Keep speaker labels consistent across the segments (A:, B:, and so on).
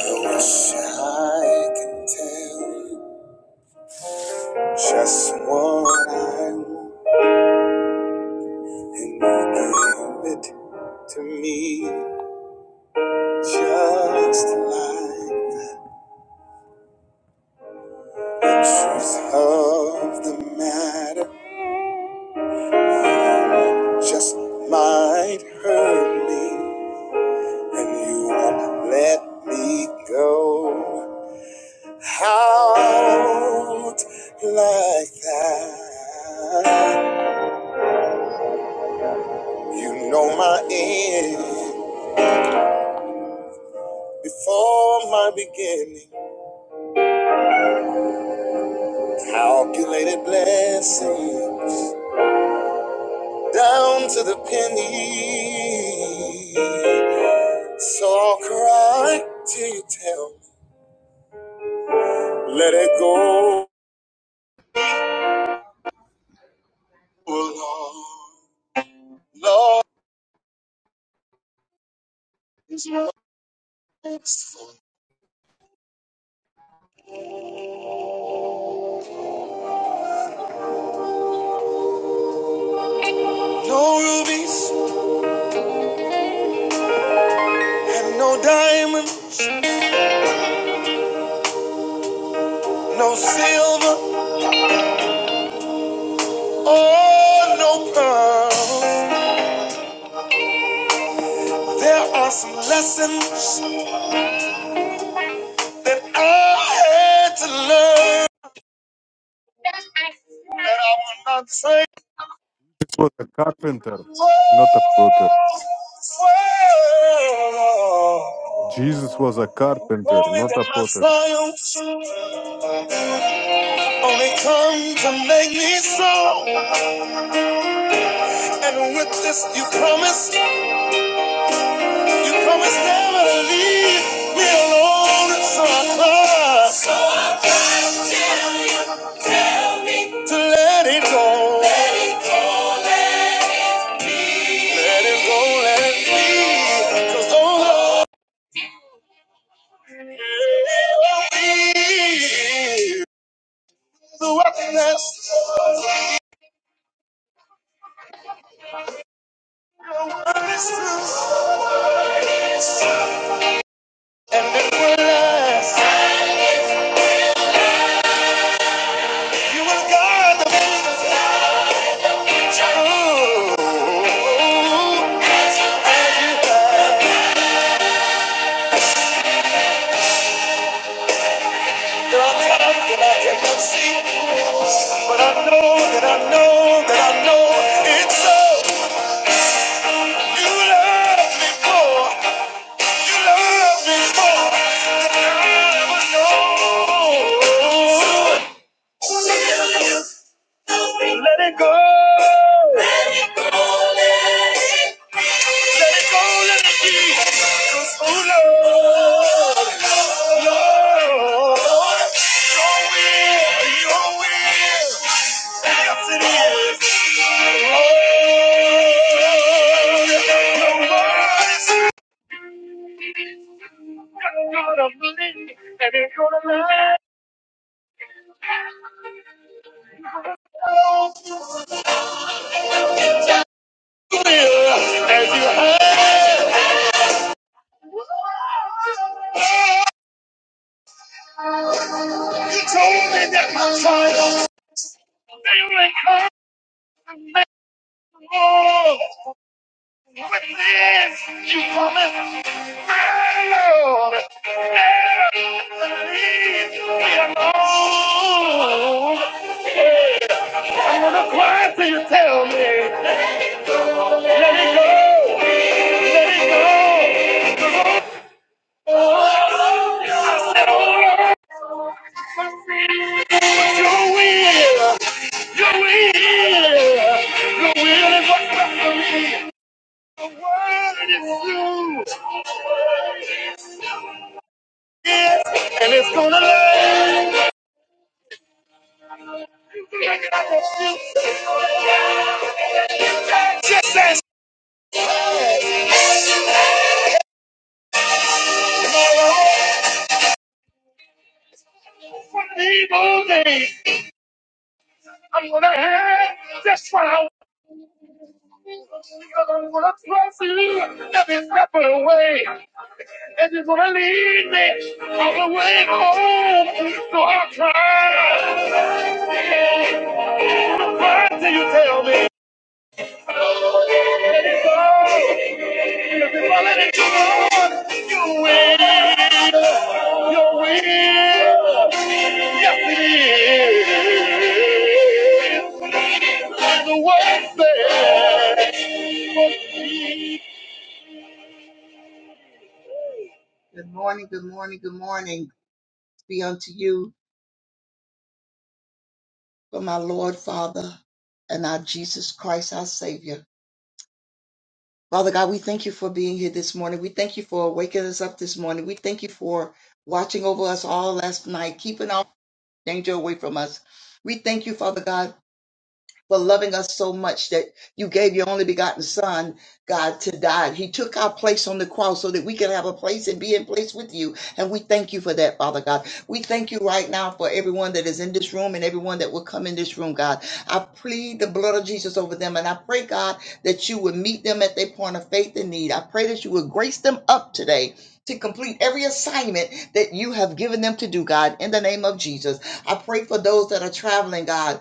A: I wish I could tell you just what I want, and you give it to me just like the truth of the matter. You Just might hurt me, and you won't let me go out like that. You know my end. Before my beginning, calculated blessings down to the penny. So I'll cry till you tell me, let it go, Lord. Lord is merciful. No rubies and no diamonds, no silver or no pearls. There are some lessons that I had to learn. And I will not say,
B: Jesus was a carpenter,
A: whoa,
B: not a potter. Jesus was a
A: whoa.
B: carpenter,
A: Only
B: not
A: that
B: a
A: my
B: potter.
A: triumphs only come to make me strong. And with this, you promise, you promise never to leave me alone. So I come to let it go. Let it go, let it be. 'Cause oh, Lord, The wetness and it will last. You will guard the Ooh, and you have There are times when I cannot see, but I know that I know that I know it's so. You love me more. You love me more than I'll ever know. Let it go. Let it go. Let it be. Oh, Lord. Lord. Your will. Your will. Yes, it is. Lord. Your mercy. gonna believe and he's gonna love. As you heard, you told me that my trials they will come and make more. With this, you promised, my Lord, never leave me alone. So why do you tell me, let it go, let it go? I said, oh Lord, Your will, your will, your will is what's best for me. The word is you. Yes, and it's gonna live. You can make it out of you. Just as tomorrow, from the evil days, I'm gonna have just what I You're the one I trust in every step of the way. And just going to lead me all the way home. So I'll try. try till you tell me. Let it go. Because if I let it go, you win. You win. Yes, it is. The worst thing for me. Good morning, good morning, good morning be unto you from our Lord, Father, and our Jesus Christ, our Savior. Father God, we thank you for being here this morning. We thank you for waking us up this morning. We thank you for watching over us all last night, keeping all danger away from us. We thank you, Father God. for loving us so much that you gave your only begotten son, God, to die. He took our place on the cross so that we can have a place and be in place with you. And we thank you for that, Father God. We thank you right now for everyone that is in this room and everyone that will come in this room, God. I plead the blood of Jesus over them and I pray, God, that you would meet them at their point of faith and need. I pray that you would grace them up today. To complete every assignment that you have given them to do, God, in the name of Jesus. I pray for those that are traveling, God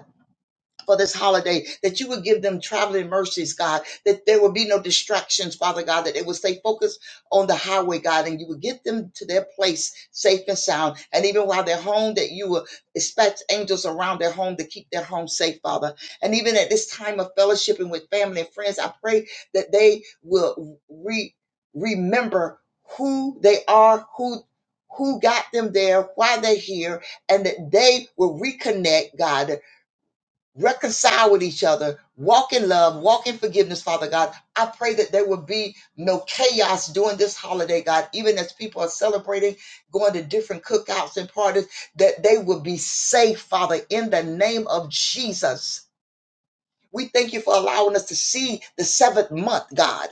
A: for this holiday, that you would give them traveling mercies, God, that there would be no distractions, Father God, that they would stay focused on the highway, God, and you would get them to their place safe and sound. And even while they're home, that you will dispatch angels around their home to keep their home safe, Father. And even at this time of fellowship with family and friends, I pray that they will re- remember who they are, who who got them there, why they're here, and that they will reconnect, God, reconcile with each other, walk in love, walk in forgiveness, Father God. I pray that there will be no chaos during this holiday, God, even as people are celebrating, going to different cookouts and parties, that they will be safe, Father, in the name of Jesus. We thank you for allowing us to see the seventh month, God.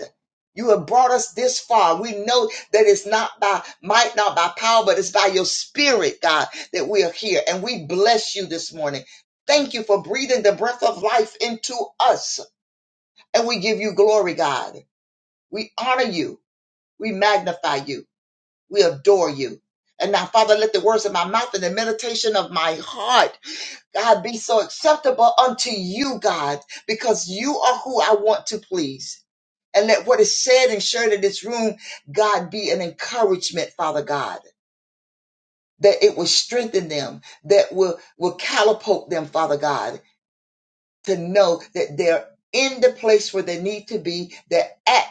A: You have brought us this far. We know that it's not by might, not by power, but it's by your spirit, God, that we are here. And we bless you this morning. Thank you for breathing the breath of life into us. And we give you glory, God. We honor you. We magnify you. We adore you. And now, Father, let the words of my mouth and the meditation of my heart God, be so acceptable unto you, God, because you are who I want to please. And let what is said and shared in this room, God, be an encouragement, Father God, that it will strengthen them, that will, will catapult them, Father God, to know that they're in the place where they need to be, they're at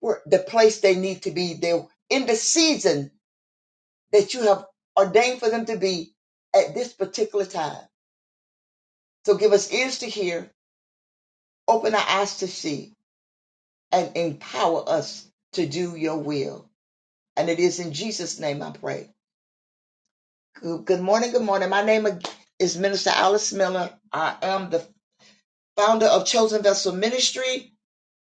A: where, the place they need to be, they're in the season that you have ordained for them to be at this particular time. So give us ears to hear, open our eyes to see, and empower us to do your will. And it is in Jesus' name I pray. Good, good morning, good morning. My name is Minister Alice Miller. I am the founder of Chosen Vessel Ministry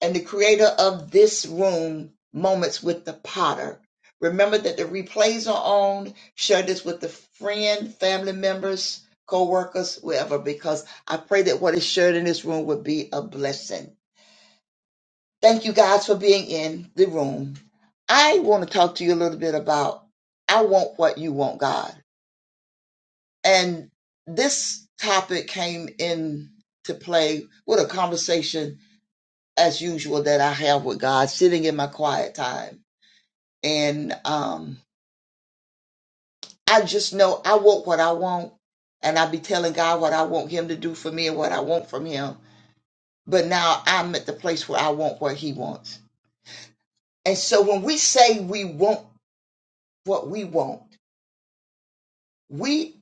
A: and the creator of this room, Moments with the Potter. Remember that the replays are on. Share this with the friend, family members, co-workers, whoever, because I pray that what is shared in this room would be a blessing. Thank you guys for being in the room. I want to talk to you a little bit about I want what you want, God. And this topic came in to play with a conversation as usual that I have with God sitting in my quiet time and um, I just know I want what I want, and I be telling God what I want Him to do for me and what I want from Him. But now I'm at the place where I want what He wants, and so when we say we want what we want, we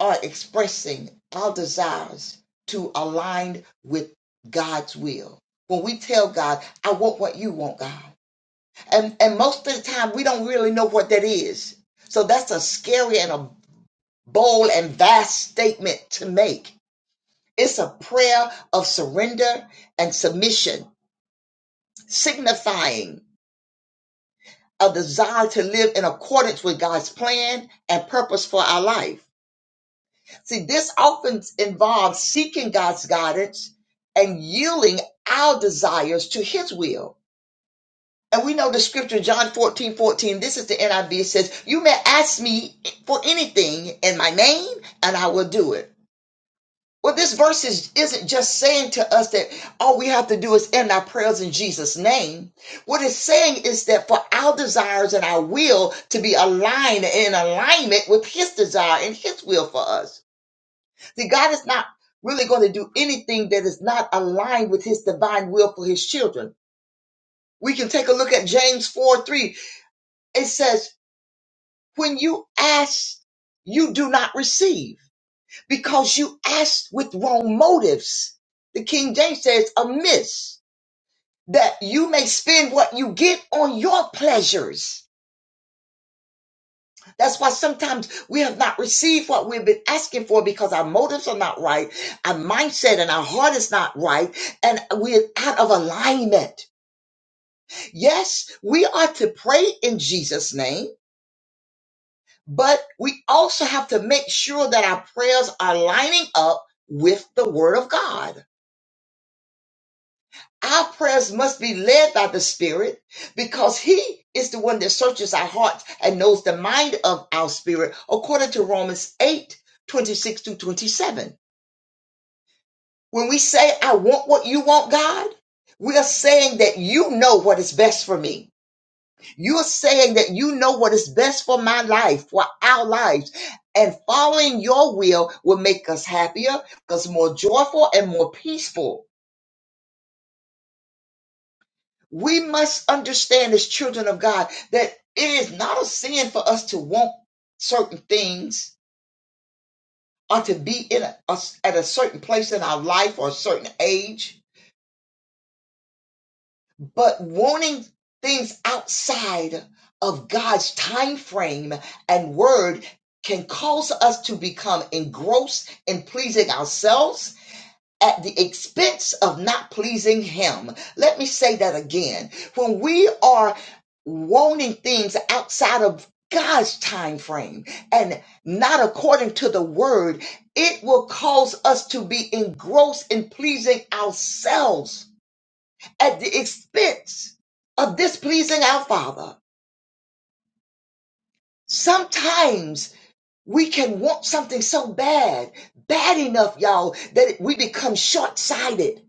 A: are expressing our desires to align with God's will. When we tell God, "I want what you want, God," and and most of the time we don't really know what that is. So that's a scary and a bold and vast statement to make. It's a prayer of surrender and submission, signifying a desire to live in accordance with God's plan and purpose for our life. See, this often involves seeking God's guidance and yielding our desires to his will. And we know the scripture, John 14 14. this is the NIV, it says, You may ask me for anything in my name, and I will do it. Well, this verse is, isn't just saying to us that all we have to do is end our prayers in Jesus' name. What it's saying is that for our desires and our will to be aligned and in alignment with His desire and His will for us. See, God is not really going to do anything that is not aligned with His divine will for His children. We can take a look at James 4 3. It says, When you ask, you do not receive because you asked with wrong motives. The King James says, amiss, that you may spend what you get on your pleasures. That's why sometimes we have not received what we've been asking for because our motives are not right, our mindset and our heart is not right, and we're out of alignment. Yes, we are to pray in Jesus' name, but we also have to make sure that our prayers are lining up with the Word of God. Our prayers must be led by the Spirit because He is the one that searches our hearts and knows the mind of our spirit, according to Romans eight twenty six 26 to 27. When we say, I want what you want, God, we are saying that you know what is best for me. You are saying that you know what is best for my life, for our lives. And following your will will make us happier, us more joyful, and more peaceful. We must understand as children of God that it is not a sin for us to want certain things or to be in a, us- at a certain place in our life or a certain age, but wanting things outside of God's time frame and word can cause us to become engrossed in pleasing ourselves at the expense of not pleasing him. Let me say that again. When we are wanting things outside of God's time frame and not according to the word, it will cause us to be engrossed in pleasing ourselves at the expense of displeasing our Father. Sometimes we can want something so bad, bad enough, y'all, that we become short sighted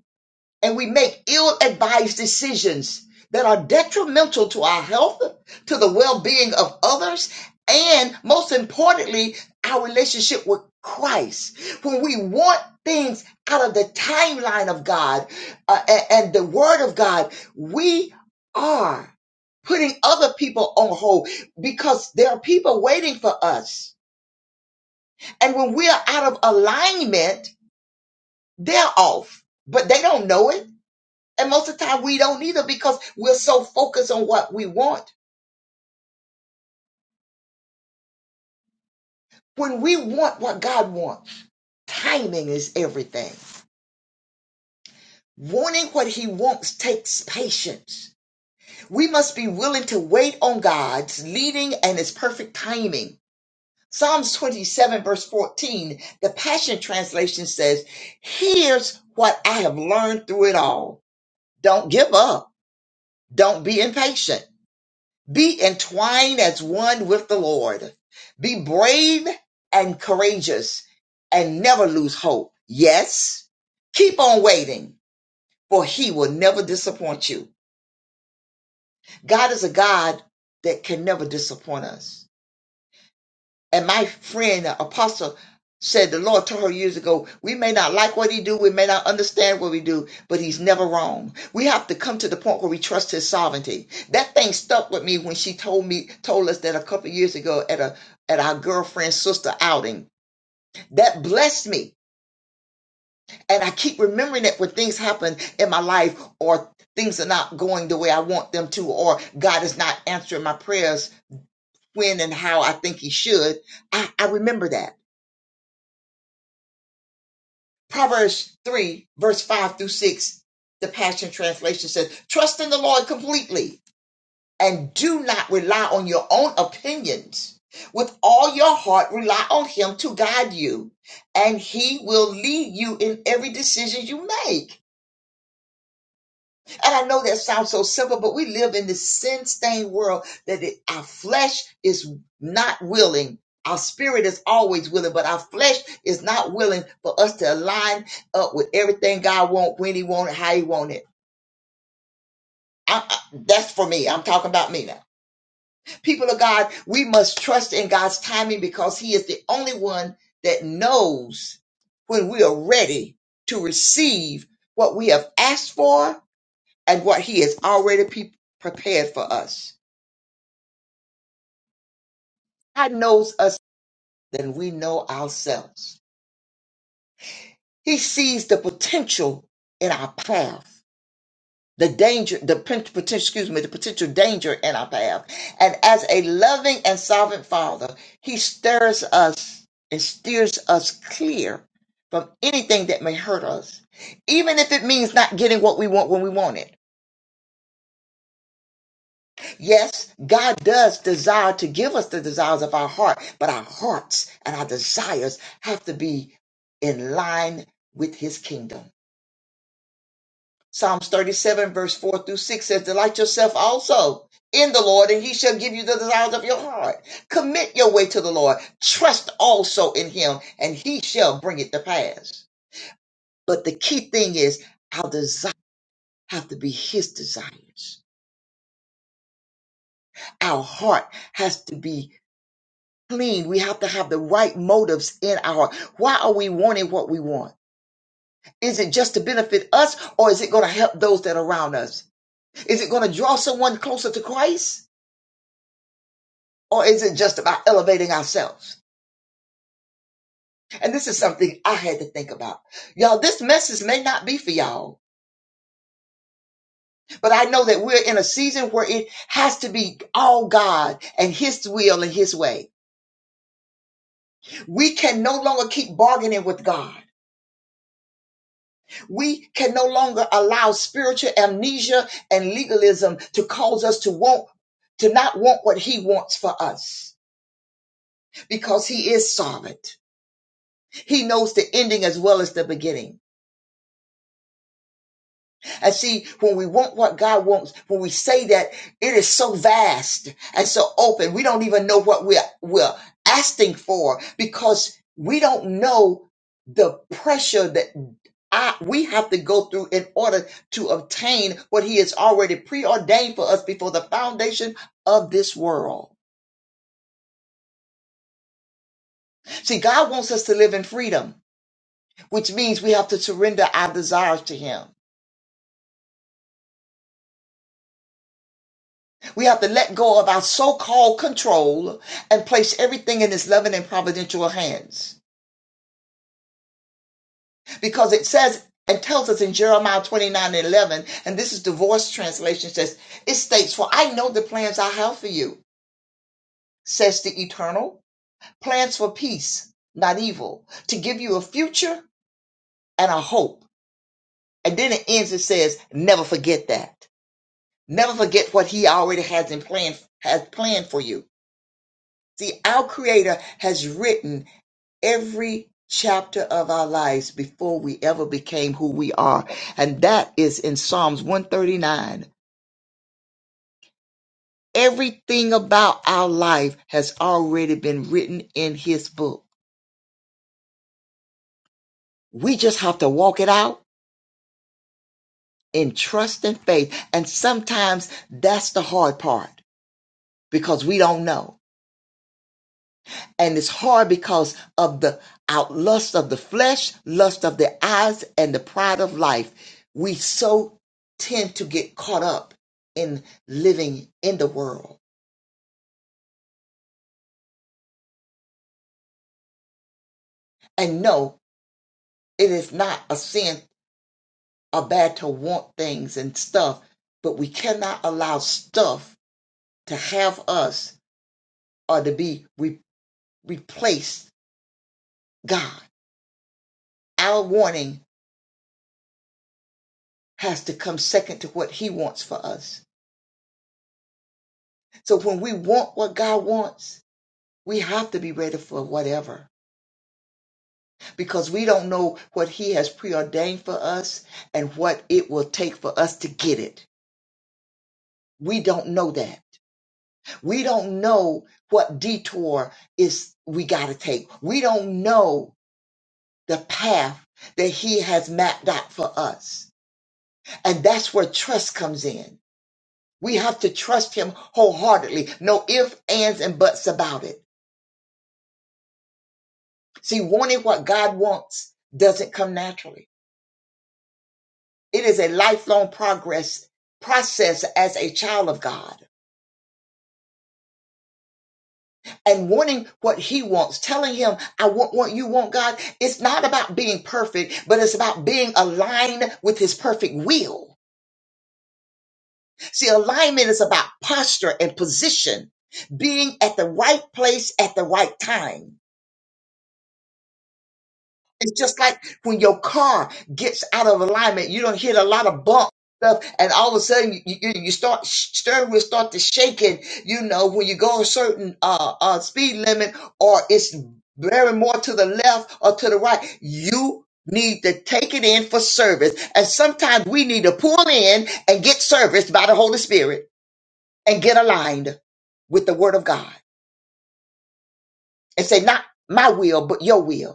A: and we make ill advised decisions that are detrimental to our health, to the well being of others, and most importantly, our relationship with Christ. When we want things out of the timeline of God uh, a- and the Word of God, we are putting other people on hold because there are people waiting for us. And when we are out of alignment, they're off, but they don't know it and most of the time we don't either because we're so focused on what we want. When we want what God wants, timing is everything. Wanting what he wants takes patience. We must be willing to wait on God's leading and his perfect timing. Psalms 27 verse 14, the Passion Translation says, here's what I have learned through it all. Don't give up. Don't be impatient. Be entwined as one with the Lord. Be brave and courageous and never lose hope. Yes, keep on waiting, for He will never disappoint you. God is a God that can never disappoint us. And my friend, uh, Apostle, said the Lord told her years ago, we may not like what he do, we may not understand what we do, but he's never wrong. We have to come to the point where we trust his sovereignty. That thing stuck with me when she told me, told us that a couple years ago at a at our girlfriend's sister outing. That blessed me. And I keep remembering it when things happen in my life or things are not going the way I want them to, or God is not answering my prayers when and how I think he should. I, I remember that. Proverbs 3, verse 5 through 6, the Passion Translation says, Trust in the Lord completely and do not rely on your own opinions. With all your heart, rely on Him to guide you, and He will lead you in every decision you make. And I know that sounds so simple, but we live in this sin stained world that it, our flesh is not willing. Our spirit is always willing, but our flesh is not willing for us to align up with everything God wants, when He wants it, how He wants it. I, I- that's for me. I'm talking about me now. People of God, we must trust in God's timing because He is the only one that knows when we are ready to receive what we have asked for and what he has already pe- prepared for us. God knows us better than we know ourselves. He sees the potential in our path, the danger, the pen- potential, excuse me, the potential danger in our path. And as a loving and sovereign father, he stirs us and steers us clear from anything that may hurt us, even if it means not getting what we want when we want it Yes, God does desire to give us the desires of our heart, but our hearts and our desires have to be in line with his kingdom. Psalms 37, verse 4 through 6 says, Delight yourself also in the Lord, and he shall give you the desires of your heart. Commit your way to the Lord. Trust also in him, and he shall bring it to pass. But the key thing is, our desires have to be his desires. Our heart has to be clean. We have to have the right motives in our heart. Why are we wanting what we want? Is it just to benefit us or is it going to help those that are around us? Is it going to draw someone closer to Christ or is it just about elevating ourselves? And this is something I had to think about. Y'all, this message may not be for y'all, but I know that we're in a season where it has to be all God and His will and His way. We can no longer keep bargaining with God. We can no longer allow spiritual amnesia and legalism to cause us to want to not want what he wants for us because he is sovereign. He knows the ending as well as the beginning. And see, when we want what God wants, when we say that, it is so vast and so open. We don't even know what we're, we're asking for because we don't know the pressure that I, we have to go through in order to obtain what he has already preordained for us before the foundation of this world. See, God wants us to live in freedom, which means we have to surrender our desires to him. We have to let go of our so called control and place everything in his loving and providential hands. Because it says and tells us in Jeremiah 29 and 11, and this is divorce translation says, it states, For I know the plans I have for you, says the eternal, plans for peace, not evil, to give you a future and a hope. And then it ends, it says, Never forget that. Never forget what he already has in plan has planned for you. See, our creator has written every chapter of our lives before we ever became who we are. And that is in Psalms 139. Everything about our life has already been written in his book. We just have to walk it out in trust and faith. And sometimes that's the hard part because we don't know. and it's hard because of the outlust of the flesh, lust of the eyes, and the pride of life. We so tend to get caught up in living in the world. And no, it is not a sin or bad to want things and stuff, but we cannot allow stuff to have us or to be re- replaced God. Our warning has to come second to what He wants for us. So when we want what God wants, We have to be ready for whatever because we don't know what He has preordained for us and what it will take for us to get it. We don't know that. We don't know what detour is we got to take. We don't know the path that He has mapped out for us. And that's where trust comes in. We have to trust Him wholeheartedly. No ifs, ands, and buts about it. See, wanting what God wants doesn't come naturally It is a lifelong progress process as a child of God and wanting what he wants, telling him, I want what you want, God. It's not about being perfect, but it's about being aligned with his perfect will. See, alignment is about posture and position, being at the right place at the right time. It's just like when your car gets out of alignment, you don't hit a lot of bump stuff, and all of a sudden you, you, you start steering wheel start to shaking. You know when you go a certain uh, uh speed limit, or it's very more to the left or to the right. You need to take it in for service, and sometimes we need to pull in and get serviced by the Holy Spirit and get aligned with the Word of God and say, not my will, but your will.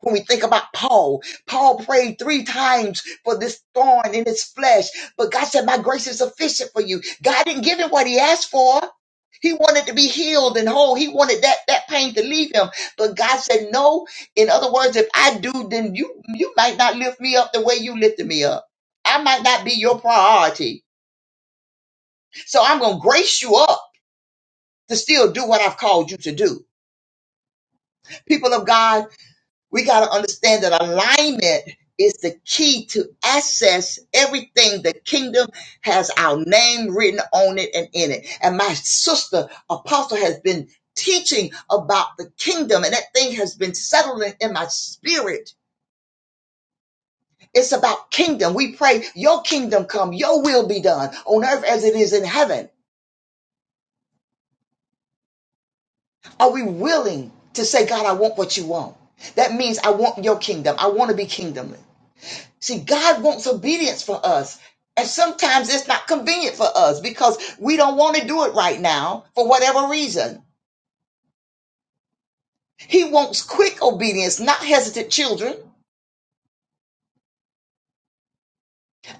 A: When we think about Paul, Paul prayed three times for this thorn in his flesh, but God said, My grace is sufficient for you. God didn't give him what he asked for. He wanted to be healed and whole. He wanted that, that pain to leave him. But God said, No. In other words, if I do, then you you might not lift me up the way you lifted me up. I might not be your priority. So I'm gonna grace you up to still do what I've called you to do. People of God. We got to understand that alignment is the key to access everything. The kingdom has our name written on it and in it. And my sister, Apostle, has been teaching about the kingdom, and that thing has been settling in my spirit. It's about kingdom. We pray, Your kingdom come, Your will be done on earth as it is in heaven. Are we willing to say, God, I want what you want? That means I want your kingdom. I want to be kingdomly. See, God wants obedience from us. And sometimes it's not convenient for us because we don't want to do it right now for whatever reason. He wants quick obedience, not hesitant children.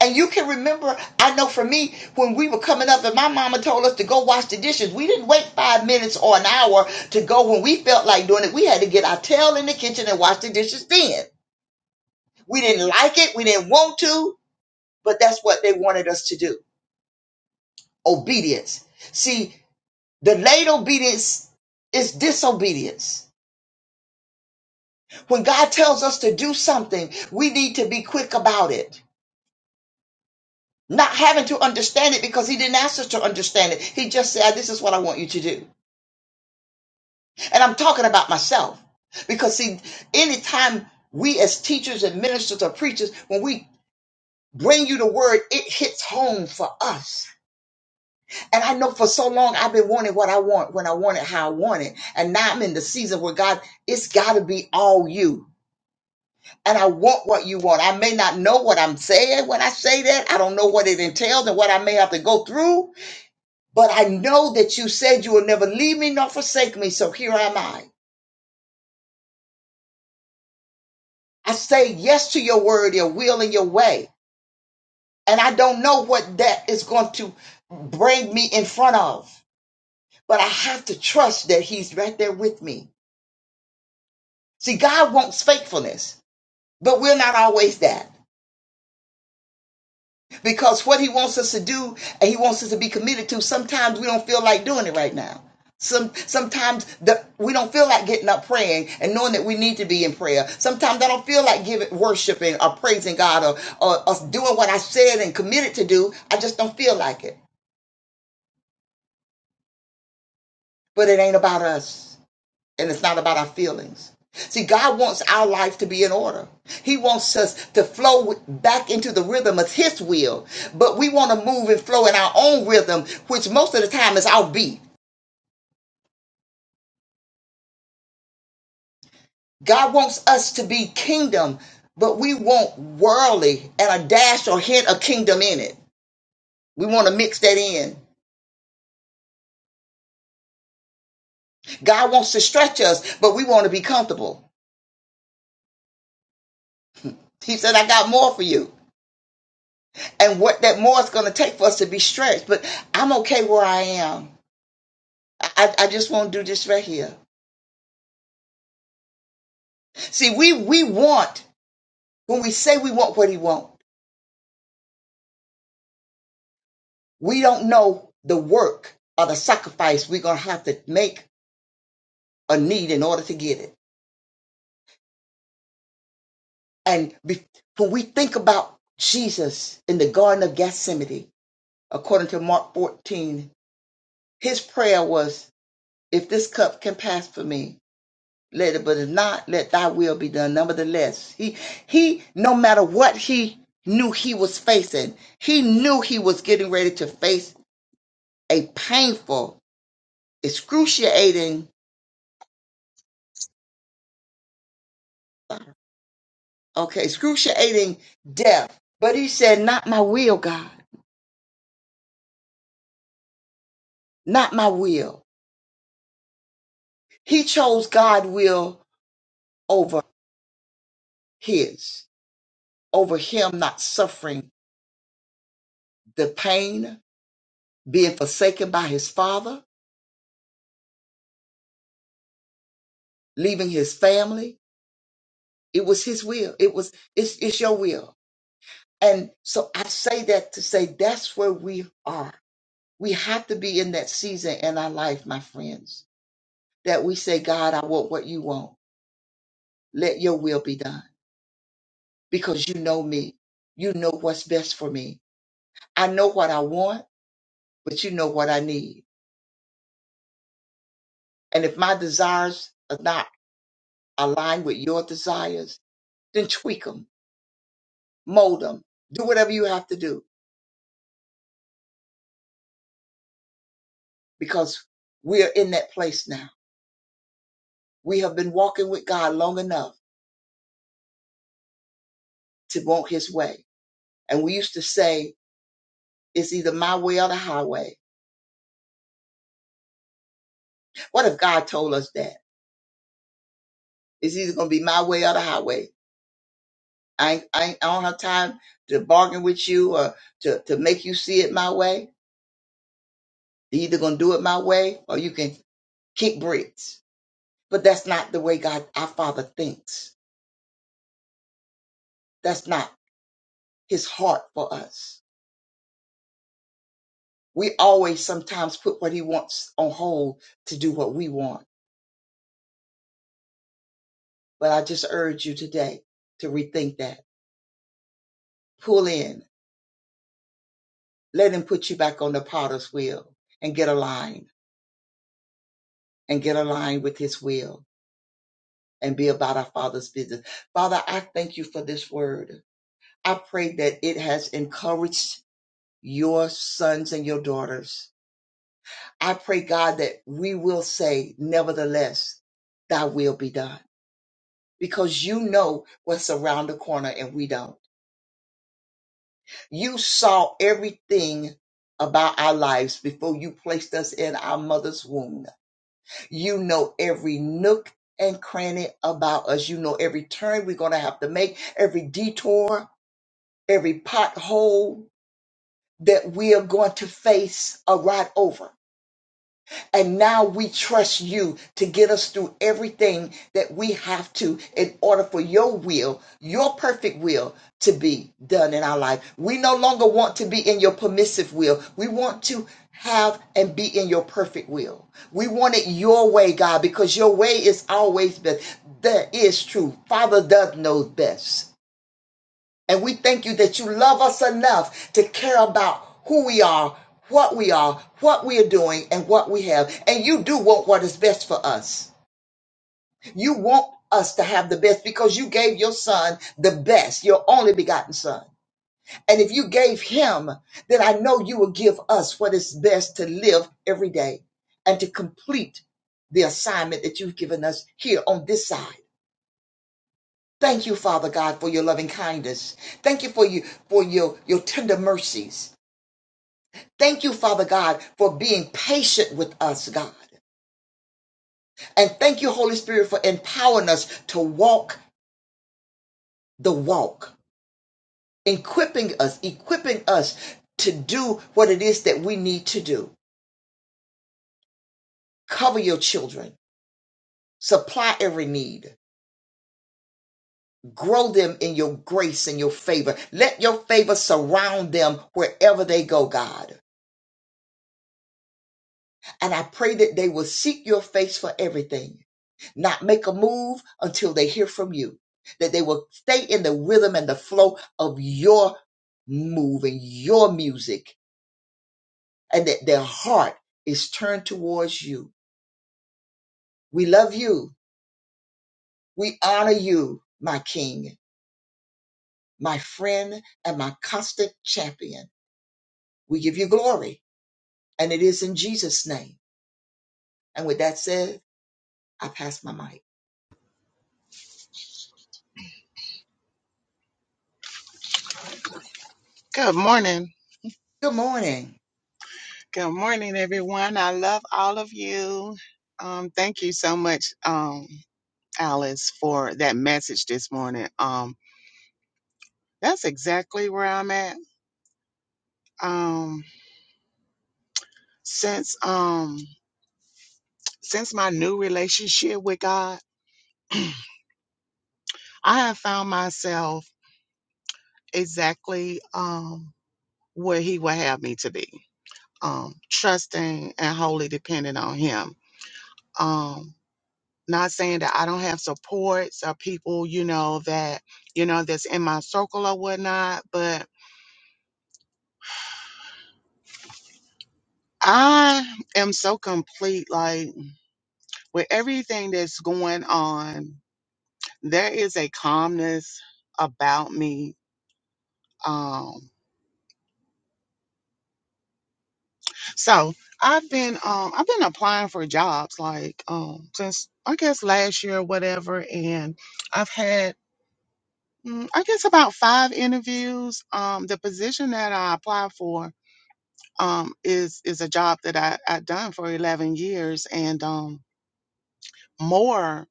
A: And you can remember, I know for me, when we were coming up and my mama told us to go wash the dishes, we didn't wait five minutes or an hour to go when we felt like doing it. We had to get our tail in the kitchen and wash the dishes then. We didn't like it, we didn't want to, but that's what they wanted us to do obedience. See, Delayed obedience is disobedience. When God tells us to do something, we need to be quick about it. Not having to understand it because He didn't ask us to understand it. He just said, This is what I want you to do. And I'm talking about myself. Because, see, anytime we as teachers and ministers or preachers, when we bring you the word, it hits home for us. And I know for so long I've been wanting what I want, when I want it, how I want it. And now I'm in the season where God, it's got to be all you. and I want what you want. I may not know what I'm saying when I say that. I don't know what it entails and what I may have to go through, but I know that you said you will never leave me nor forsake me. So here am I. I say yes to your word, your will, and your way. And I don't know what that is going to bring me in front of, but I have to trust that He's right there with me. See, God wants faithfulness, but we're not always that. because what he wants us to do and he wants us to be committed to sometimes we don't feel like doing it right now some sometimes the, we don't feel like getting up praying and knowing that we need to be in prayer sometimes i don't feel like giving worshiping or praising god or, or, or doing what i said and committed to do i just don't feel like it but it ain't about us and it's not about our feelings. See, God wants our life to be in order. He wants us to flow with- back into the rhythm of His will, but we want to move and flow in our own rhythm, which most of the time is our beat. God wants us to be kingdom, but we want worldly and a dash or hint of kingdom in it. We want to mix that in. God wants to stretch us, but we want to be comfortable. He said, I got more for you. And what that more is going to take for us to be stretched, but I'm okay where I am. I, I just want to do this right here. See, we we want when we say we want what he wants, we don't know the work or the sacrifice we're gonna have to make or need in order to get it. And be, when we think about Jesus in the Garden of Gethsemane, according to Mark 14, his prayer was, "If this cup can pass for me." Let it, but if not, let thy will be done. Nevertheless, he he no matter what he knew he was facing, he knew he was getting ready to face a painful, excruciating, okay, excruciating death. But he said, Not my will, God, not my will. He chose God's will over his, over him not suffering the pain, being forsaken by his father, leaving his family, It was his will. It was it's it's your will. And so I say that to say that's where we are. We have to be in that season in our life, my friends, that we say, God, I want what you want. Let your will be done. Because you know me. You know what's best for me. I know what I want, but you know what I need. And if my desires are not aligned with your desires, then tweak them, mold them, do whatever you have to do. Because we're in that place now we have been walking with God long enough to want his way. And we used to say, it's either my way or the highway. What if God told us that? It's either going to be my way or the highway. I, ain't, I, ain't, I don't have time to bargain with you or to, to make you see it my way. You're either going to do it my way or you can kick bricks. But that's not the way God, our Father, thinks. That's not his heart for us. We always sometimes put what he wants on hold to do what we want But I just urge you today to rethink that. Pull in. Let him put you back on the potter's wheel and get aligned and get aligned with his will and be about our Father's business. Father, I thank you for this word. I pray that it has encouraged your sons and your daughters. I pray, God, that we will say, nevertheless, thy will be done because you know what's around the corner and we don't. You saw everything about our lives before you placed us in our mother's womb. You know every nook and cranny about us. You know every turn we're going to have to make, every detour, every pothole that we are going to face or ride over. And now we trust you to get us through everything that we have to in order for your will, your perfect will, to be done in our life. We no longer want to be in your permissive will. We want to have and be in your perfect will. We want it your way, God, because your way is always best. That is true. Father does know best. And we thank you that you love us enough to care about who we are, what we are, what we are doing, and what we have. And you do want what is best for us. You want us to have the best because you gave your son the best, your only begotten son. And if you gave him, then I know you will give us what is best to live every day and to complete the assignment that you've given us here on this side. Thank you, Father God, for your loving kindness. Thank you for you for your, your tender mercies. Thank you, Father God, for being patient with us, God. And thank you, Holy Spirit, for empowering us to walk the walk, equipping us, equipping us to do what it is that we need to do. Cover your children, supply every need, grow them in your grace and your favor. Let your favor surround them wherever they go, God. And I pray that they will seek your face for everything, not make a move until they hear from you, that they will stay in the rhythm and the flow of your move and your music, and that their heart is turned towards you. We love you. We honor you, my King, my friend, and my constant champion. We give you glory, and it is in Jesus' name. And with that said, I pass my mic.
C: Good morning.
A: Good morning.
C: Good morning, everyone. I love all of you. Um, thank you so much, um, Alice, for that message this morning. Um, that's exactly where I'm at. Um, since um, since my new relationship with God, I have found myself exactly um, where He would have me to be, um, trusting and wholly dependent on Him. Um, not saying that I don't have supports or people, you know, that, you know, that's in my circle or whatnot, but I am so complete. Like with everything that's going on, there is a calmness about me. Um, so I've been, um, I've been applying for jobs like, um, since I guess last year or whatever. And I've had, mm, I guess about five interviews. Um, the position that I applied for um, is is a job that I I done for eleven years and um, more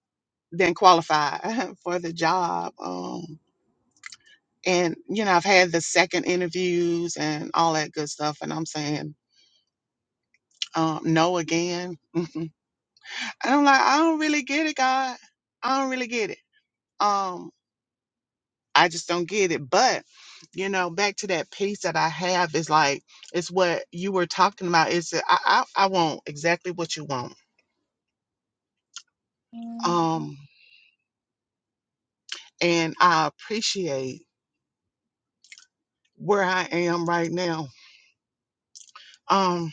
C: than qualified for the job. Um, and you know I've had the second interviews and all that good stuff, and I'm saying um, no again. and I'm like I don't really get it, God. I don't really get it. Um, I just don't get it. But you know, back to that piece that I have is like it's what you were talking about. Is I, I I want exactly what you want. Um, and I appreciate where I am right now. Um,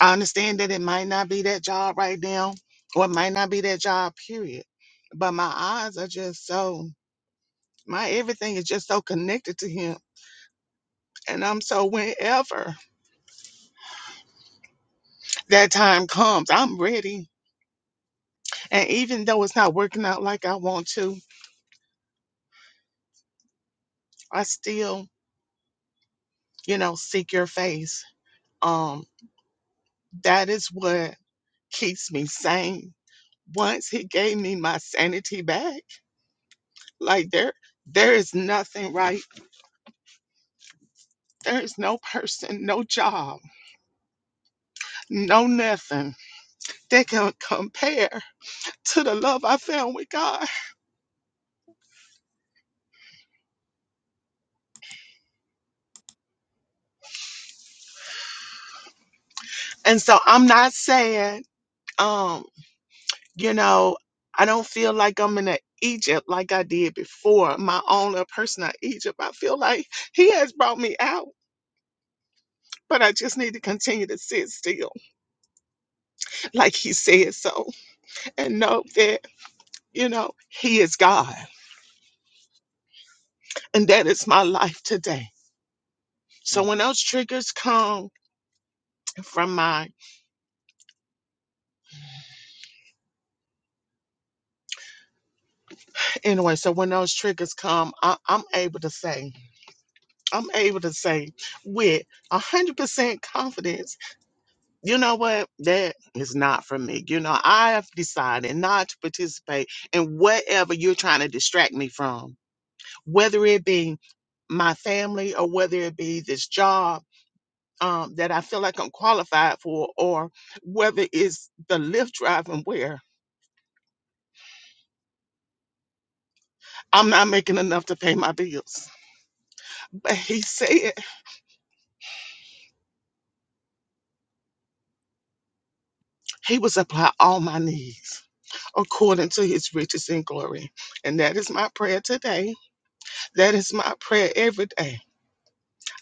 C: I understand that it might not be that job right now, or it might not be that job, period. But my eyes are just so, my everything is just so connected to him. And I'm so whenever that time comes, I'm ready. And even though it's not working out like I want to, I still, you know, seek your face. Um, that is what keeps me sane. Once he gave me my sanity back. Like there there is nothing right. There is no person, no job, no nothing that can compare to the love I found with God. And so I'm not saying, um, you know, I don't feel like I'm in a Egypt like I did before, my own little personal Egypt. I feel like he has brought me out, but I just need to continue to sit still, like he said so, and know that, you know, he is God. And that is my life today. So
A: Mm.
C: when those triggers come from my anyway, so when those triggers come, I, I'm able to say, I'm able to say with a hundred percent confidence, you know what, that is not for me. You know, I have decided not to participate in whatever you're trying to distract me from, whether it be my family or whether it be this job. Um, that I feel like I'm qualified for, or whether it's the Lyft driving where I'm not making enough to pay my bills But he said he was supply all my needs according to his riches and glory. And that is my prayer today. That is my prayer every day.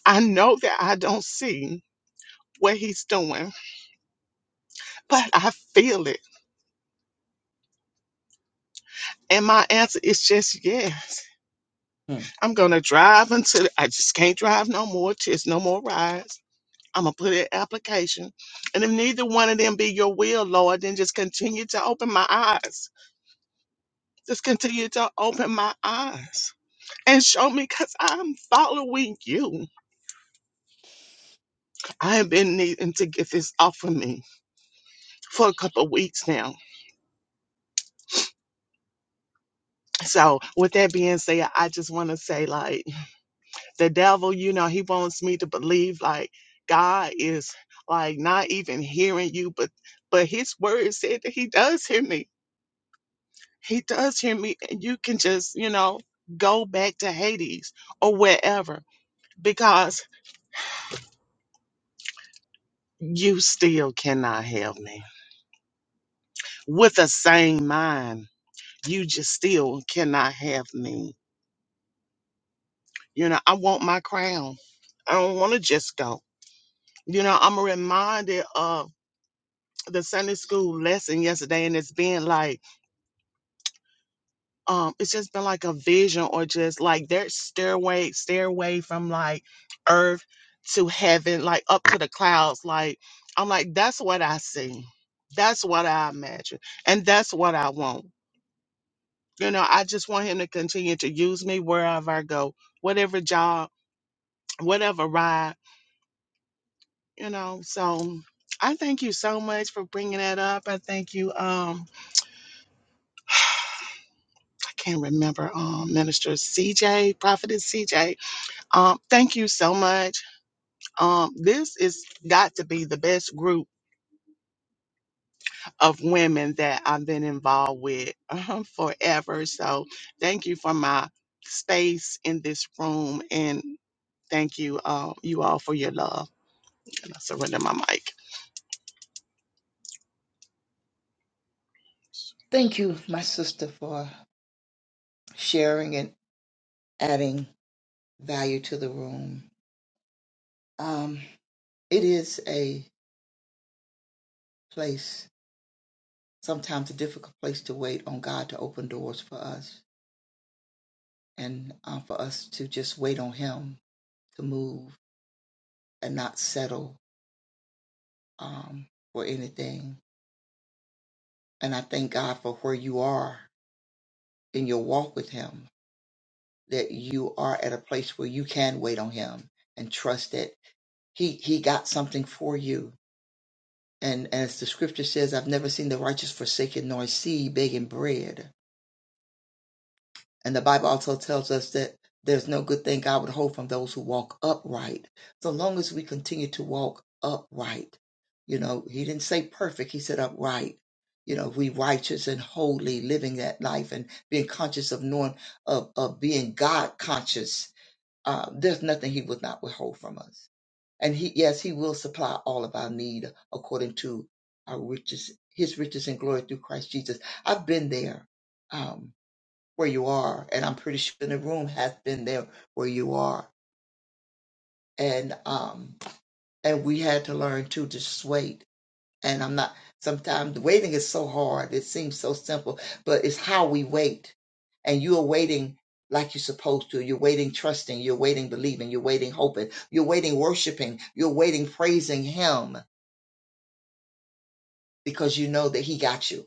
C: I know that I don't see what he's doing, but I feel it. And my answer is just yes.
A: Mm.
C: I'm going to drive until I just can't drive no more. Just no more rides. I'm going to put in application. And if neither one of them be your will, Lord, then just continue to open my eyes. Just continue to open my eyes and show me because I'm following you. I have been needing to get this off of me for a couple of weeks now. So, with that being said, I just want to say, like, the devil, you know, he wants me to believe, like, God is like not even hearing you, but but his word said that he does hear me. He does hear me, and you can just, you know, go back to Hades or wherever because you still cannot help me with the same mind. you just still cannot have me. You know, I want my crown. I don't want to just go. You know, I'm reminded of the Sunday school lesson yesterday, and it's been like, um, it's just been like a vision or just like their stairway, stairway from like earth to heaven, like up to the clouds. Like, I'm like, that's what I see. That's what I imagine. And that's what I want. You know, I just want him to continue to use me wherever I go, whatever job whatever ride, you know. So I thank you so much for bringing that up. I thank you. Um, I can't remember. Um, Minister CJ, Prophetess CJ. Um, thank you so much. Um, this is got to be the best group of women that I've been involved with um, forever. So thank you for my space in this room and. Thank you, uh, you all, for your love. And I surrender my mic.
A: Thank you, my sister, for sharing and adding value to the room. Um, it is a place, sometimes a difficult place to wait on God to open doors for us. and uh, for us to just wait on Him to move and not settle um, for anything. And I thank God for where you are in your walk with Him, that you are at a place where you can wait on Him and trust that He He got something for you. And as the Scripture says, I've never seen the righteous forsaken nor see begging bread. And the Bible also tells us that there's no good thing God would hold from those who walk upright. So long as we continue to walk upright, you know, he didn't say perfect, he said upright. You know, we righteous and holy, living that life and being conscious of knowing, of, of being God conscious. Uh, there's nothing he would not withhold from us. And he, yes, he will supply all of our need according to our riches, his riches and glory through Christ Jesus. I've been there. Um, where you are, and I'm pretty sure the room has been there where you are, and um, and we had to learn to just wait. And I'm not. Sometimes waiting is so hard. It seems so simple, but it's how we wait. And you are waiting like you're supposed to. You're waiting, trusting. You're waiting, believing. You're waiting, hoping. You're waiting, worshiping. You're waiting, praising Him because you know that He got you,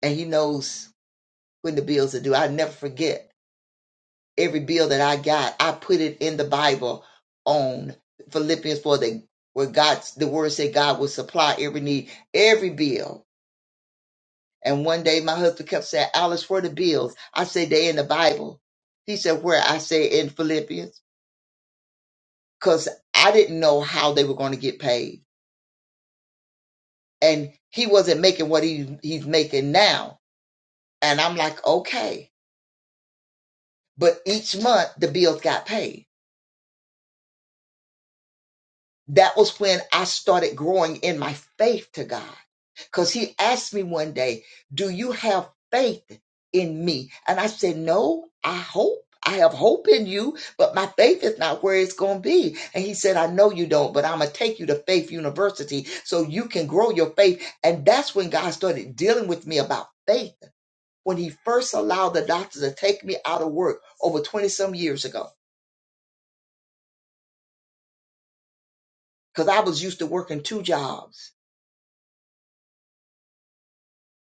A: and He knows when the bills are due. I never forget every bill that I got, I put it in the Bible on Philippians 4 that where God the word said God will supply every need, every bill. And one day my husband kept saying, Alice, where the bills? I said, they in the Bible. He said, Where? I said in Philippians. Because I didn't know how they were going to get paid. And he wasn't making what he he's making now. And I'm like, okay. But each month the bills got paid that was when I started growing in my faith to God. Because he asked me one day, Do you have faith in me? And I said, No, I hope. I have hope in you, but my faith is not where it's going to be. And he said, I know you don't, but I'm going to take you to Faith University so you can grow your faith. And that's when God started dealing with me about faith. When he first allowed the doctor to take me out of work over 20 some years ago, because I was used to working two jobs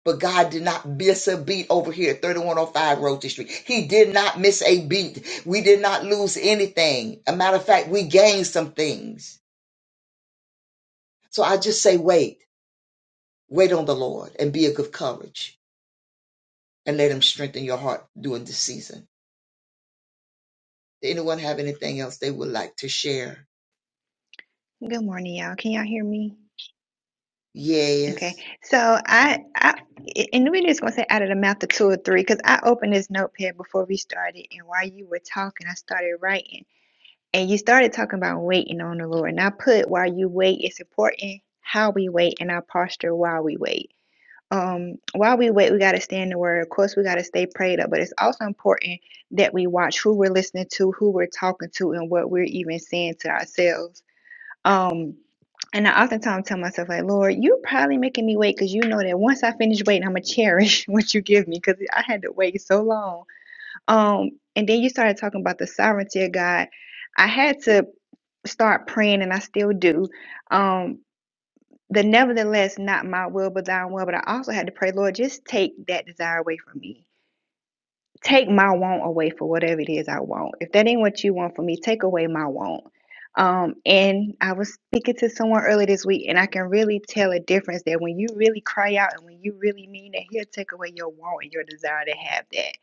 A: But God did not miss a beat over here at 3105 Roach Street. He did not miss a beat. We did not lose anything. A matter of fact, we gained some things. So I just say, wait, wait on the Lord and be of good courage and let him strengthen your heart during this season. Did anyone have anything else they would like to share?
D: Good morning, y'all. Can y'all hear me? Okay.
A: Yes.
D: So I, I, and we're just gonna say out of the mouth of two or three, because I opened this notepad before we started, and while you were talking, I started writing, and you started talking about waiting on the Lord, and I put while you wait, it's important how we wait and our posture while we wait. Um, while we wait, we gotta stay in the Word. Of course, we gotta stay prayed up, but it's also important that we watch who we're listening to, who we're talking to, and what we're even saying to ourselves um, and I oftentimes tell myself, like, Lord, you're probably making me wait because you know that once I finish waiting, I'm gonna cherish what you give me because I had to wait so long. Um, and then you started talking about the sovereignty of God. I had to start praying, and I still do. Um, the nevertheless, not my will, but thine will. But I also had to pray, Lord, just take that desire away from me take my want away for whatever it is I want. If that ain't what you want for me, take away my want. Um, and I was speaking to someone earlier this week, and I can really tell a difference that when you really cry out and when you really mean it, he'll take away your want and your desire to have that.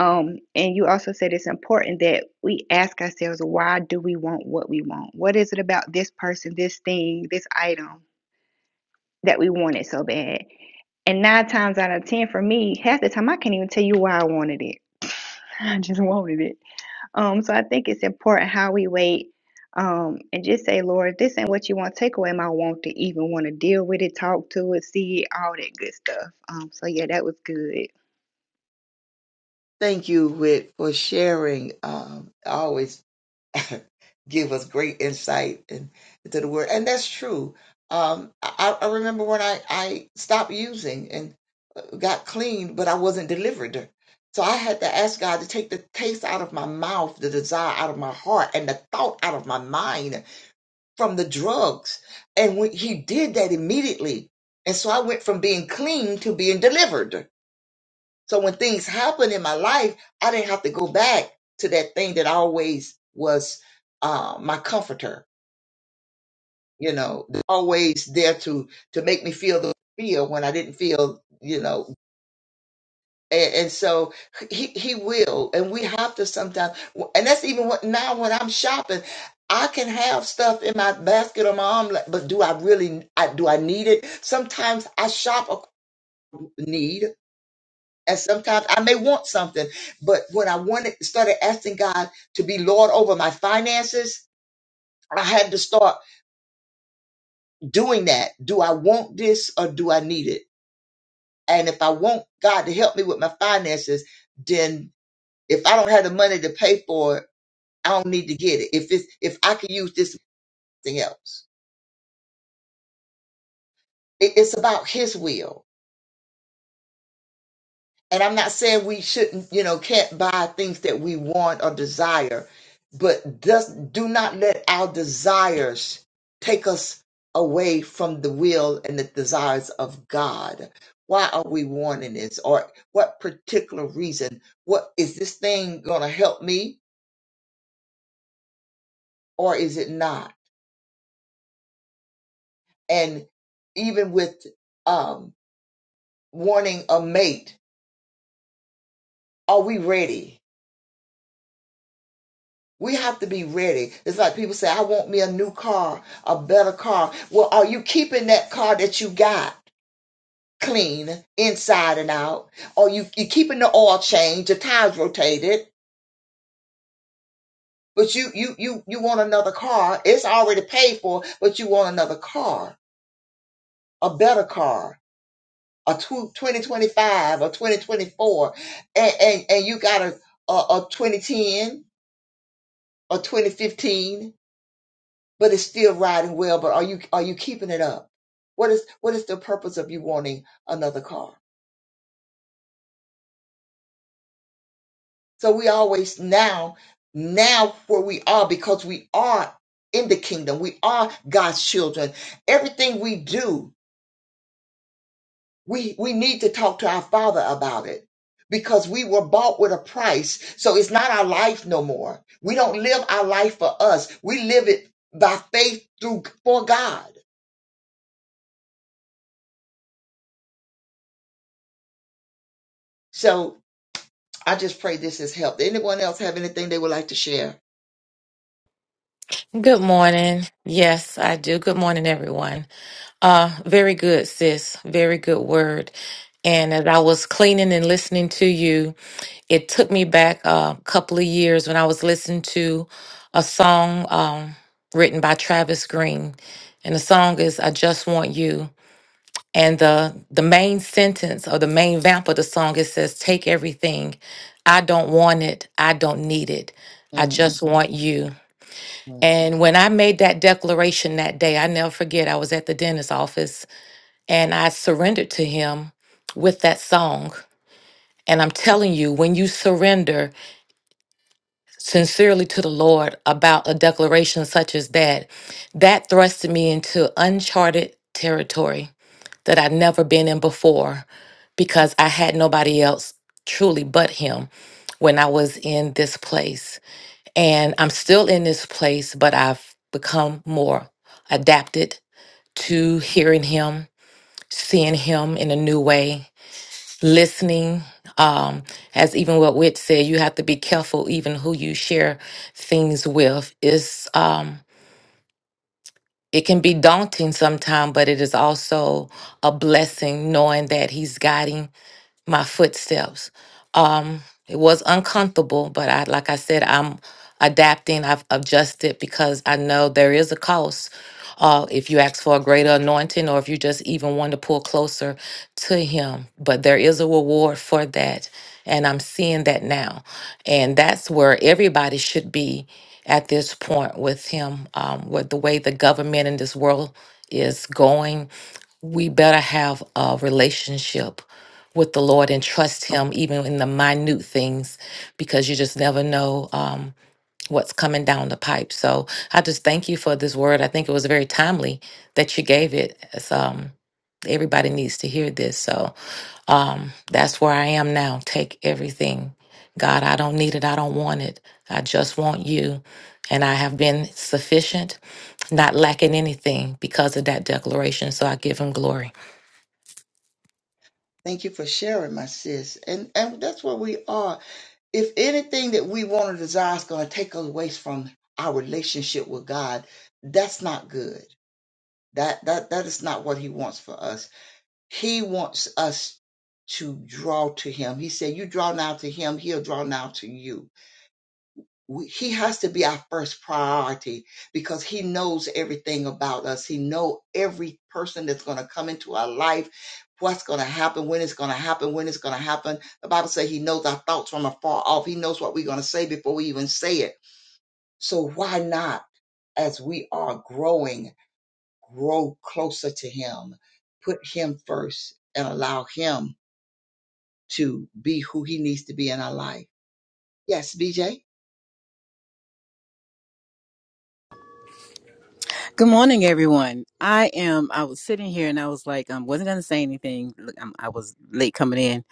D: Um, and you also said it's important that we ask ourselves, why do we want what we want? What is it about this person, this thing, this item that we want it so bad? And nine times out of ten for me, half the time I can't even tell you why I wanted it. I just wanted it. Um, so I think it's important how we wait. Um, and just say, Lord, this ain't what you want. Take away my want to even want to deal with it, talk to it, see it, all that good stuff. Um, so yeah, that was good.
A: Thank you, Whit, for sharing. Um, always give us great insight and- into the word. And that's true. Um, I, I remember when I, I stopped using and uh, got clean, but I wasn't delivered. So I had to ask God to take the taste out of my mouth, the desire out of my heart, and the thought out of my mind from the drugs. And when He did that immediately. And so I went from being clean to being delivered so when things happened in my life, I didn't have to go back to that thing that always was uh, my comforter, you know, always there to to make me feel the feel when I didn't feel, you know. And, and so he he will, and we have to sometimes. And that's even what now when I'm shopping, I can have stuff in my basket or my arm, but do I really? I, do I need it? Sometimes I shop a need. And sometimes I may want something, but when I wanted started asking God to be Lord over my finances, I had to start doing that. Do I want this or do I need it? And if I want God to help me with my finances, then if I don't have the money to pay for it, I don't need to get it. If it's if I can use this thing else, It- it's about His will and I'm not saying we shouldn't, you know, can't buy things that we want or desire, but just do not let our desires take us away from the will and the desires of God. Why are we wanting this? Or what particular reason? What is this thing going to help me or is it not? And even with um, wanting a mate, are we ready? We have to be ready. It's like people say, I want me a new car, a better car. Well, are you keeping that car that you got clean inside and out? Or you you keeping the oil changed, the tires rotated, but you you you you want another car. It's already paid for, but you want another car, a better car, a tw- 2025 or 2024, and, and, and you got a, a, a 2010 or 2015 but it's still riding well. But are you are you keeping it up? What is what is the purpose of you wanting another car? So we always now now where we are because we are in the kingdom. We are God's children. Everything we do, we we need to talk to our Father about it because we were bought with a price. So it's not our life no more. We don't live our life for us. We live it by faith through for God. So I just pray this has helped. Anyone else have anything they would like to share?
E: Good morning. Yes, I do. Good morning, everyone. Uh, very good, sis. Very good word. And as I was cleaning and listening to you, it took me back uh, a couple of years when I was listening to a song um, written by Travis Green. And the song is I Just Want You. And the, the main sentence or the main vamp of the song, it says, Take everything. I don't want it. I don't need it. I
A: Mm,
E: just want you.
A: mm.
E: And when I made that declaration that day, I never forget, I was at the dentist's office and I surrendered to him with that song. And I'm telling you, when you surrender sincerely to the Lord about a declaration such as that, that thrusted me into uncharted territory that I'd never been in before because I had nobody else truly but him when I was in this place. And I'm still in this place, but I've become more adapted to hearing him, seeing him in a new way, listening. Um, as even what Witt said, you have to be careful even who you share things with. It's um it can be daunting sometimes, but it is also a blessing knowing that he's guiding my footsteps. Um, it was uncomfortable, but I, like I said, I'm adapting. I've adjusted because I know there is a cost. Uh, if you ask for a greater anointing, or if you just even want to pull closer to Him, but there is a reward for that, and I'm seeing that now, and that's where everybody should be at this point with Him. Um, with the way the government in this world is going, we better have a relationship with the Lord and trust Him even in the minute things because you just never know um, what's coming down the pipe. So I just thank you for this word. I think it was very timely that you gave it. It's, um, everybody needs to hear this. So um, that's where I am now. Take everything. God, I don't need it. I don't want it. I just want you. And I have been sufficient, not lacking anything because of that declaration. So I give him glory.
A: Thank you for sharing, my sis. And and that's where we are. If anything that we want to desire is going to take us away from our relationship with God, that's not good. That that that is not what He wants for us. He wants us to draw to Him. He said, "You draw now to Him; He'll draw now to you." we, he has to be our first priority because he knows everything about us he know every person that's going to come into our life what's going to happen when it's going to happen when it's going to happen the bible says he knows our thoughts from afar off he knows what we're going to say before we even say it so why not as we are growing grow closer to him put him first and allow him to be who he needs to be in our life yes bj
F: Good morning, everyone. I am. I was sitting here and I was like, I um, wasn't going to say anything. Look, I'm, I was late coming in,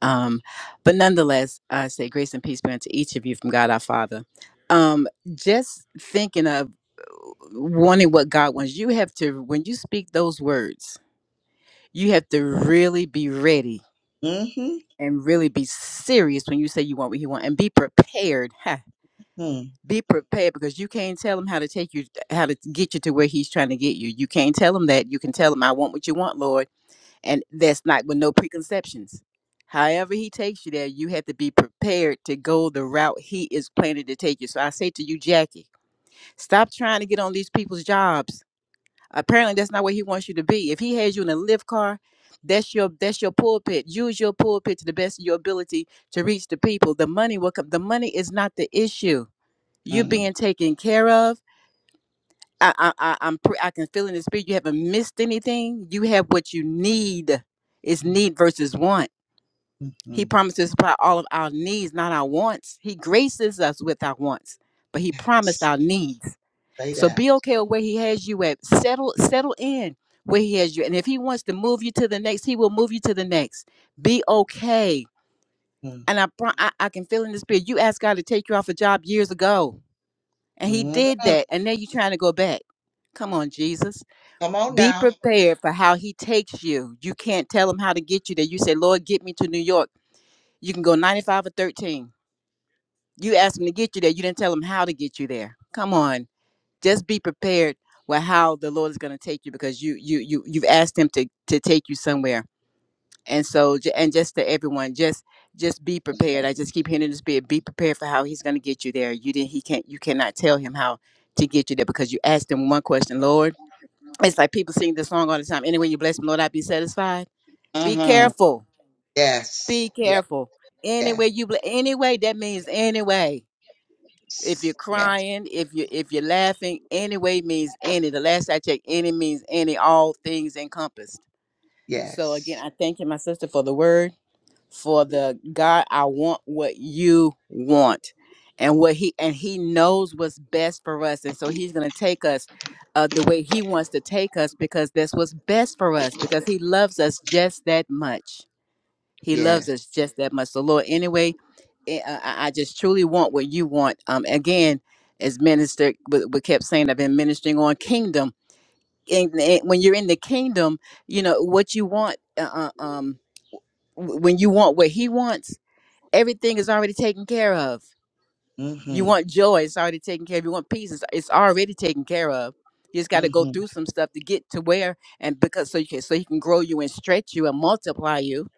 F: um, but nonetheless, I say grace and peace be unto each of you from God our Father. Um, just thinking of wanting what God wants, you have to. When you speak those words, you have to really be ready
A: mm-hmm.
F: and really be serious when you say you want what He wants, and be prepared.
A: mm
F: be prepared because you can't tell him how to take you how to get you to where he's trying to get you you can't tell him that you can tell him i want what you want lord and that's not with no preconceptions however he takes you there you have to be prepared to go the route he is planning to take you so i say to you jackie stop trying to get on these people's jobs apparently that's not where he wants you to be if he has you in a lift car that's your that's your pulpit use your pulpit to the best of your ability to reach the people the money will come the money is not the issue you're being
A: mm
F: taken care of. I, I, I I'm pre- I can feel in the spirit. You haven't missed anything. You have what you need. It's need versus want.
A: hmm
F: He promises to supply all of our needs, not our wants. He graces us with our wants, but he promised
A: Yes.
F: our needs.
A: Say
F: So
A: that.
F: be okay with where he has you at. Settle, settle in where he has you. And if he wants to move you to the next, he will move you to the next. Be okay.
A: hmm
F: And I, pro- I, I can feel in the spirit. You asked God to take you off a job years ago And he did that. And now you're trying to go back. Come on, Jesus.
A: Come on
F: Be
A: now.
F: prepared for how he takes you. You can't tell him how to get you there. You say, Lord, get me to New York. You can go 95 or 13. You ask him to get you there. You didn't tell him how to get you there. Come on. Just be prepared with how the Lord is going to take you because you you you you've asked him to to take you somewhere and so ju- and just to everyone just just be prepared i just keep hearing in the spirit be prepared for how he's going to get you there you didn't he can't you cannot tell him how to get you there because you asked him one question lord it's like people sing this song all the time anyway you bless me lord i be satisfied be
A: Uh-huh.
F: careful be
A: Yes. Yes.
F: careful anyway
A: Yes.
F: you ble- anyway that means anyway if you're
A: Yes.
F: crying if you if you're laughing anyway means any the last i checked any means any all things encompassed so again
A: Yes.
F: i thank you my sister for the word for the God, I want what you want. And what he and he knows what's best for us. And so he's gonna take us uh, the way he wants to take us because that's what's best for us, because he loves us just that much. He loves
A: Yes.
F: us just that much. So Lord, anyway, eh, I, I I just truly want what you want. Um again, as minister we but kept saying I've been ministering on kingdom. And, and when you're in the kingdom, you know what you want uh, uh, um w- when you want what he wants everything is already taken care of. You
A: Mm-hmm.
F: want joy, it's already taken care of. You want peace, it's, it's already taken care of. You just got to go
A: Mm-hmm.
F: through some stuff to get to where and because so you can so he can grow you and stretch you and multiply you.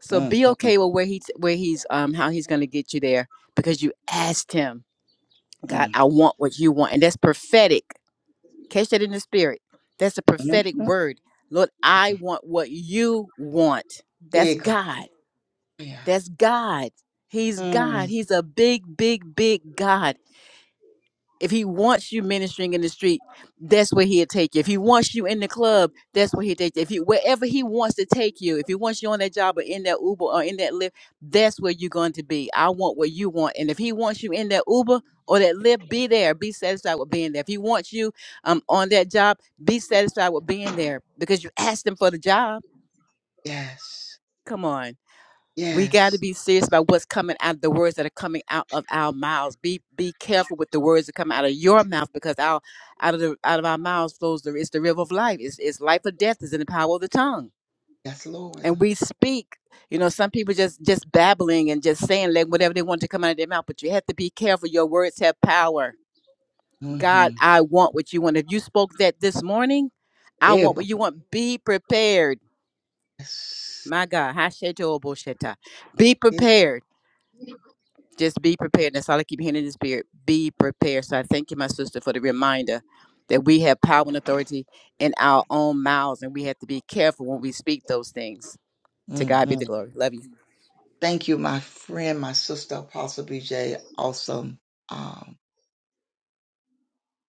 F: So be
A: Mm-hmm.
F: okay with where he's where he's um how he's gonna get you there because you asked him, God, I want what you want, and that's prophetic. Catch that in the spirit. That's a prophetic
A: Mm-hmm.
F: word. Lord, I want what you want. That's
A: Hey, God.
F: God.
A: Yeah.
F: That's God. He's
A: Mm-hmm.
F: God. He's a big, big, big God. If he wants you ministering in the street, that's where he'll take you. If he wants you in the club, that's where he'll take you. If you wherever he wants to take you, if he wants you on that job or in that Uber or in that Lyft, that's where you're going to be. I want what you want. And if he wants you in that Uber or that Lyft, be there. Be satisfied with being there. If he wants you um on that job, be satisfied with being there because you asked him for the job.
A: Yes.
F: Come on. we got to
A: Yes.
F: be serious about what's coming out the words that are coming out of our mouths be be careful with the words that come out of your mouth because out out of the out of our mouths flows the it's the river of life it's, it's life or death is in the power of the tongue
A: Yes, Lord.
F: and we speak you know some people just just babbling and just saying like whatever they want to come out of their mouth but you have to be careful your words have power god
A: Mm-hmm.
F: i want what you want if you spoke that this morning i
A: Hey,
F: want what you want be prepared
A: Yes.
F: my god Hasheto Obosheta. be
A: Hey,
F: prepared just be prepared. That's all I keep hearing in the spirit. Be prepared. So I thank you, my sister, for the reminder that we have power and authority in our own mouths, and we have to be careful when we speak those things. To God be the
A: Mm-hmm.
F: glory. Love you.
A: Thank you, my friend, my sister, Apostle BJ. Awesome. Um,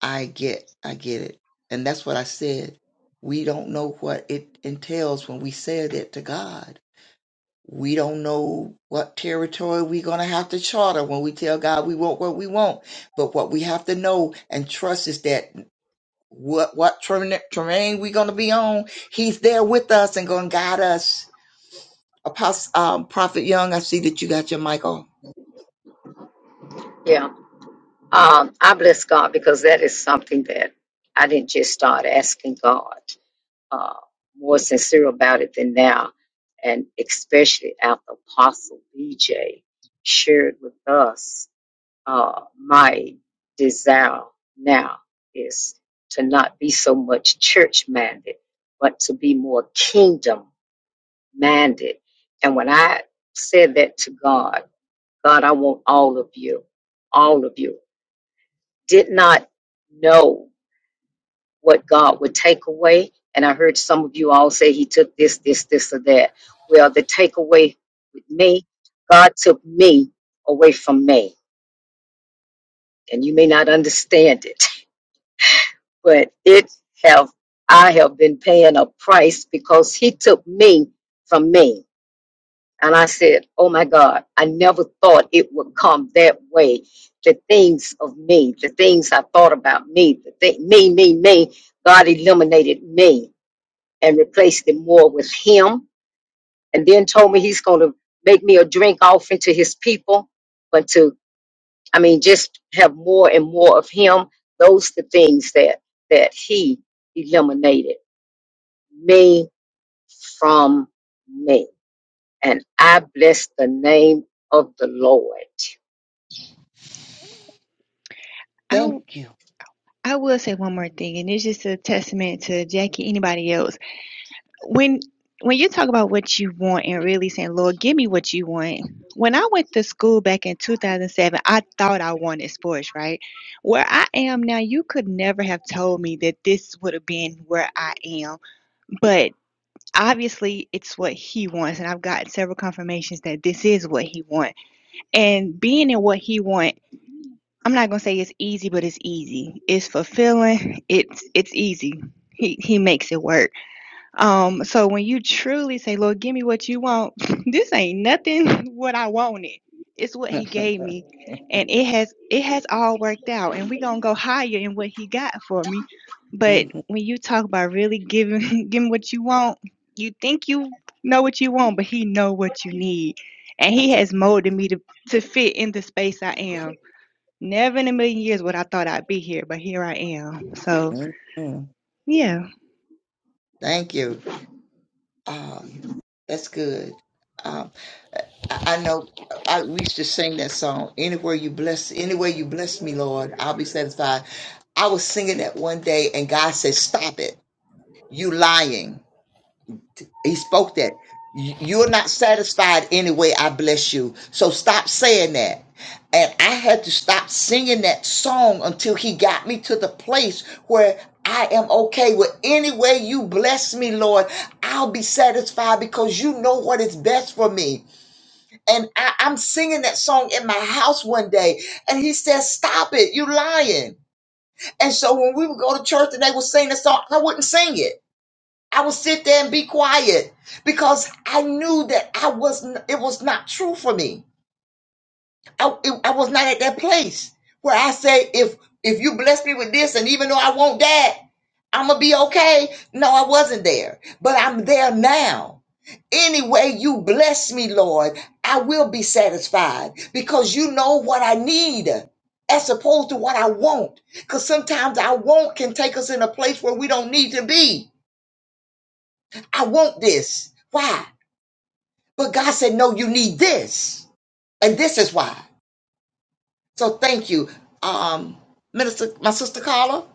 A: I get, I get it, and that's what I said. We don't know what it entails when we said it to God. we don't know what territory we're going to have to charter when we tell God we want what we want. But what we have to know and trust is that what what terrain, terrain we're going to be on, He's there with us and going to guide us. Apostle um, Prophet Young, I see that you got your mic on.
G: Yeah. Um, I bless God because that is something that I didn't just start asking God uh, more sincere about it than now. And especially after Apostle BJ shared with us, uh, my desire now is to not be so much church minded, but to be more kingdom minded. And when I said that to God, God, I want all of you, all of you did not know what God would take away. And I heard some of you all say he took this, this, this, or that. Well, the takeaway with me, God took me away from me. And you may not understand it, but it have I have been paying a price because he took me from me. And I said, Oh my God, I never thought it would come that way. The things of me, the things I thought about me, the thing, me, me, me, God eliminated me and replaced it more with Him. And then told me He's going to make me a drink offering to His people, but to, I mean, just have more and more of Him. Those the things that that He eliminated me from me. And I bless the name of the Lord.
D: I I
A: thank you
D: will say one more thing, and it's just a testament to Jackie, anybody else. when when you talk about what you want and really saying, Lord, give me what you want. When I went to school back in 2007, I thought I wanted sports, right? Where I am now, you could never have told me that this would have been where I am. But obviously, it's what He wants. And I've gotten several confirmations that this is what He wants. And being in what He wants, I'm not going to say it's easy, but it's easy. It's fulfilling, it's, it's easy. He, he makes it work um, so when you truly say, Lord, give me what you want, this ain't nothing what I wanted. It's what he gave me. And it has it has all worked out. And we're gonna go higher in what he got for me. But
A: Mhm.
D: when you talk about really giving giving what you want, you think you know what you want, but he know what you need. And he
A: That's a-
D: has molded me to, to fit in the space I am. Never in a million years would I thought I'd be here, but here I am. So
A: mhm.
D: yeah.
A: Thank you. Um, that's good. Um, I, I know I, we used to sing that song. Anywhere you bless, anywhere you bless me, Lord, I'll be satisfied. I was singing that one day, and God said, "Stop it! You lying." He spoke that. "You- You're not satisfied anyway. I bless you. So stop saying that. And I had to stop singing that song until he got me to the place where I am okay with any way you bless me, Lord. I'll be satisfied because you know what is best for me. And I, I'm singing that song in my house one day, and he said, Stop it, you lying. And so when we would go to church and they would sing the song, I wouldn't sing it. I would sit there and be quiet because I knew that I was n- it was not true for me. I, it- I was not at that place where I say if if you bless me with this and even though I want that, I'm gonna be okay. No, I wasn't there, but I'm there now. Any way you bless me, Lord. I will be satisfied because you know what I need as opposed to what I want. Because sometimes our want can take us in a place where we don't need to be. I want this. Why? But God said, no, you need this. And this is why. So thank you. Um, Minister, my sister Carla,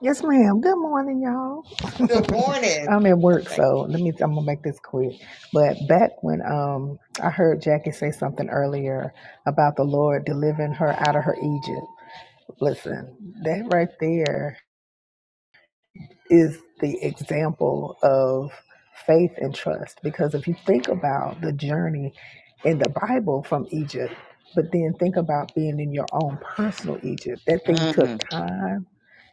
H: Yes, ma'am. Good morning, y'all.
A: good morning.
H: I'm at work, so let me. I'm gonna make this quick. But back when um I heard Jackie say something earlier about the Lord delivering her out of her Egypt. Listen, that right there is the example of faith and trust. Because if you think about the journey in the Bible from Egypt, but then think about being in your own personal Egypt, that thing took
A: Mm,
H: time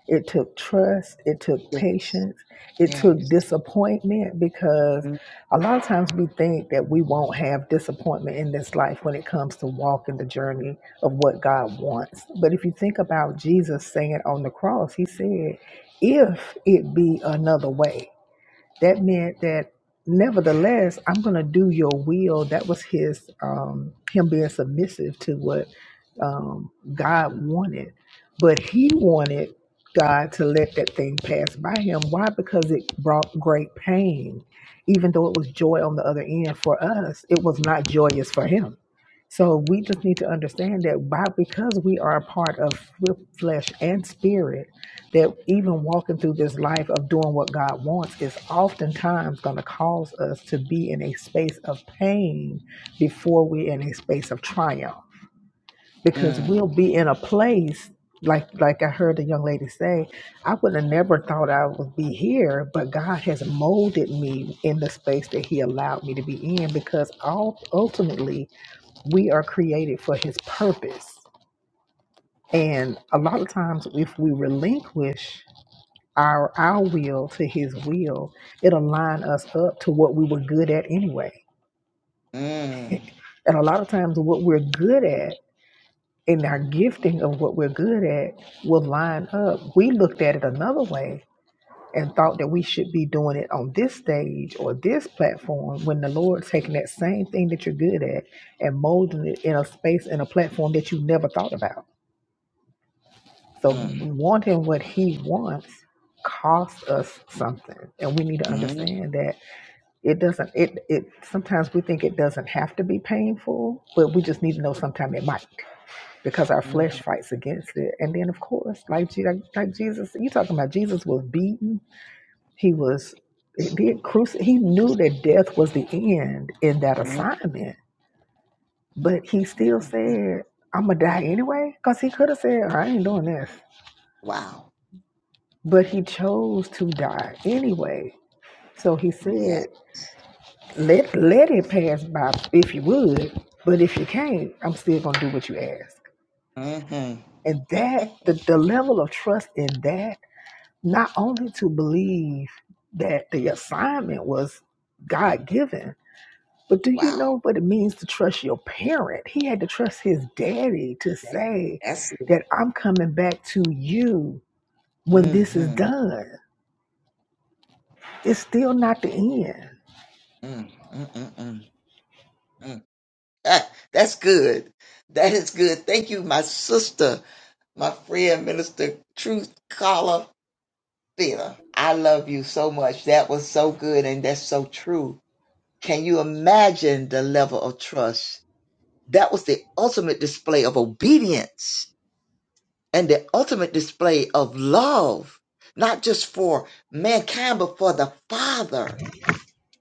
H: it took trust. It took
A: yes,
H: patience. It took
A: yes.
H: disappointment because
A: Mm,
H: a lot of times we think that we won't have disappointment in this life when it comes to walking the journey of what God wants. But if you think about Jesus saying on the cross, he said, If it be another way. That meant that nevertheless, I'm going to do your will. That was his, um, him being submissive to what um, God wanted. But he wanted God to let that thing pass by him. Why? Because it brought great pain. Even though it was joy on the other end for us, it was not joyous for him. So we just need to understand that why? Because we are a part of flesh and spirit that even walking through this life of doing what God wants is oftentimes going to cause us to be in a space of pain before we're in a space of triumph because we'll
A: mm,
H: be in a place like like I heard the young lady say, I would have never thought I would be here, but God has molded me in the space that He allowed me to be in because all ultimately we are created for His purpose. And a lot of times, if we relinquish our our will to his will it'll line us up to what we were good at anyway
A: mm,
H: and a lot of times what we're good at and our gifting of what we're good at will line up we looked at it another way and thought that we should be doing it on this stage or this platform when the lord's taking that same thing that you're good at and molding it in a space and a platform that you never thought about so
A: mm,
H: wanting what he wants costs us something and we need to
A: mm,
H: understand that it doesn't it it sometimes we think it doesn't have to be painful but we just need to know sometimes it might because our flesh
A: mm,
H: fights against it and then of course like Je- like, like jesus you talking about jesus was beaten he was he, did cruci- he knew that death was the end in that
A: mm.
H: assignment but he still said i'm gonna die anyway because he could have said i ain't doing this
A: Wow.
H: but he chose to die anyway so he said
A: Yes.
H: Let let it pass by if you would, but if you can't, I'm still gonna do what you ask.
A: hmm
H: And that the, the level of trust in that, not only to believe that the assignment was God given, but do you
A: Wow.
H: know what it means to trust your parent? He had to trust his daddy to
A: Daddy,
H: say
A: that's it.
H: that I'm coming back to you when this is
A: Mm-hmm.
H: done. It's still not the end.
A: Mm, mm, mm, mm, mm. Ah, that's good. That is good. Thank you, my sister. my friend Minister Truth Caller Thea. I love you so much. That was so good and that's so true. Can you imagine the level of trust? That was the ultimate display of obedience and the ultimate display of love, not just for mankind, but for the Father.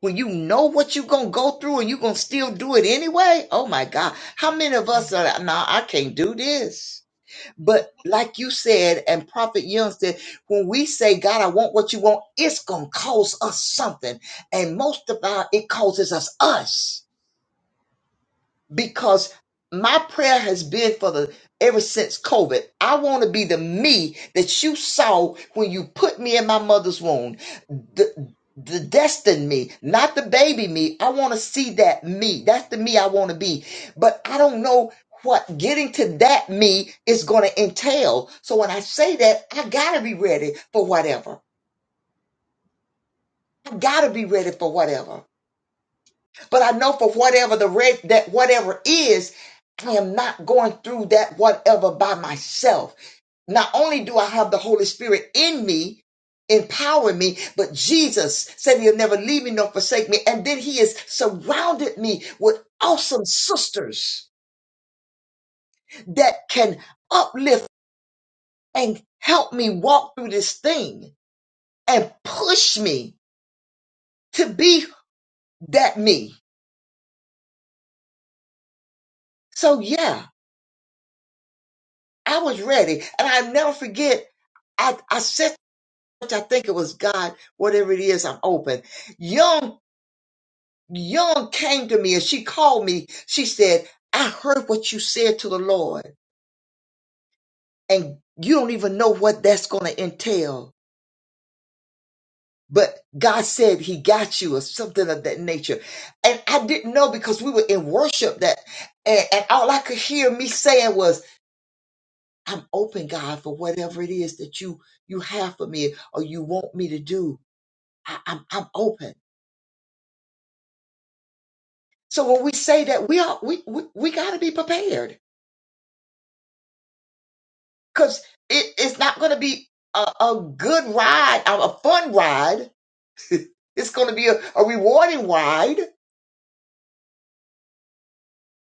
A: When you know what you're going to go through and you're going to still do it anyway, oh my God. How many of us are, like, no, nah, I can't do this. But like you said, and Prophet Young said, when we say, God, I want what you want, it's going to cost us something. And most of our, it causes us us because my prayer has been for the ever since COVID. I want to be the me that you saw when you put me in my mother's womb. The the destined me, not the baby me. I want to see that me. That's the me I want to be. But I don't know what getting to that me is going to entail. So when I say that, I got to be ready for whatever. I got to be ready for whatever. But I know for whatever the red that whatever is, I am not going through that whatever by myself. Not only do I have the Holy Spirit in me, empowering me, but Jesus said he'll never leave me nor forsake me. And then he has surrounded me with awesome sisters that can uplift and help me walk through this thing and push me to be that me. So yeah, I was ready. And I never forget, I, I said, which I think it was God, whatever it is, I'm open. Young, Young came to me and she called me. She said, I heard what you said to the Lord, and you don't even know what that's going to entail. But God said He got you, or something of that nature. And I didn't know because we were in worship that, and, and all I could hear me saying was, I'm open, God, for whatever it is that you you have for me or you want me to do. I, I'm I'm open. So when we say that we are we we, we got to be prepared because it, it's not going to be a, a good ride, a, a fun ride. It's going to be a, a rewarding ride,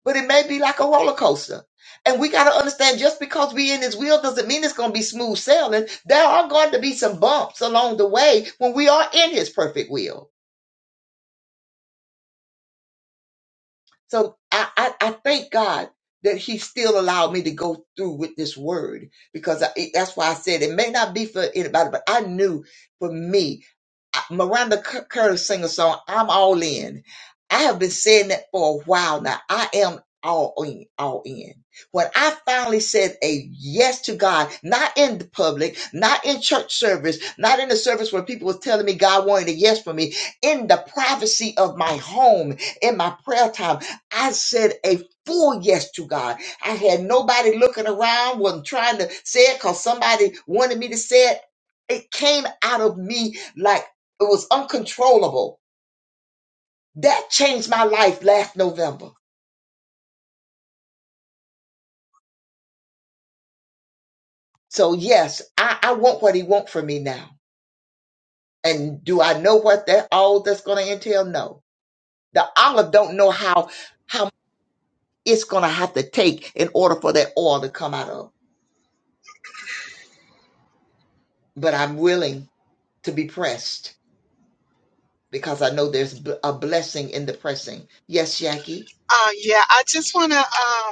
A: but it may be like a roller coaster. And we got to understand just because we in His will doesn't mean it's going to be smooth sailing. There are going to be some bumps along the way when we are in His perfect will So I, I, I thank God that He still allowed me to go through with this word because I, it- that's why I said it may not be for anybody, but I knew for me Miranda C- Curry sing a song, I'm All In. I have been saying that for a while now. I am all in, all in. When I finally said a yes to God, not in the public, not in church service, not in the service where people were telling me God wanted a yes for me, in the privacy of my home, in my prayer time, I said a full yes to God. I had nobody looking around, wasn't trying to say it because somebody wanted me to say it. It came out of me like. It was uncontrollable. That changed my life last November. So yes, I, I want what he wants from me now. And do I know what that all that's gonna entail? No. The olive don't know how how it's gonna have to take in order for that oil to come out of. But I'm willing to be pressed because I know there's b- a blessing in the pressing. Yes, Jackie.
C: Uh, yeah, I just want to. Um,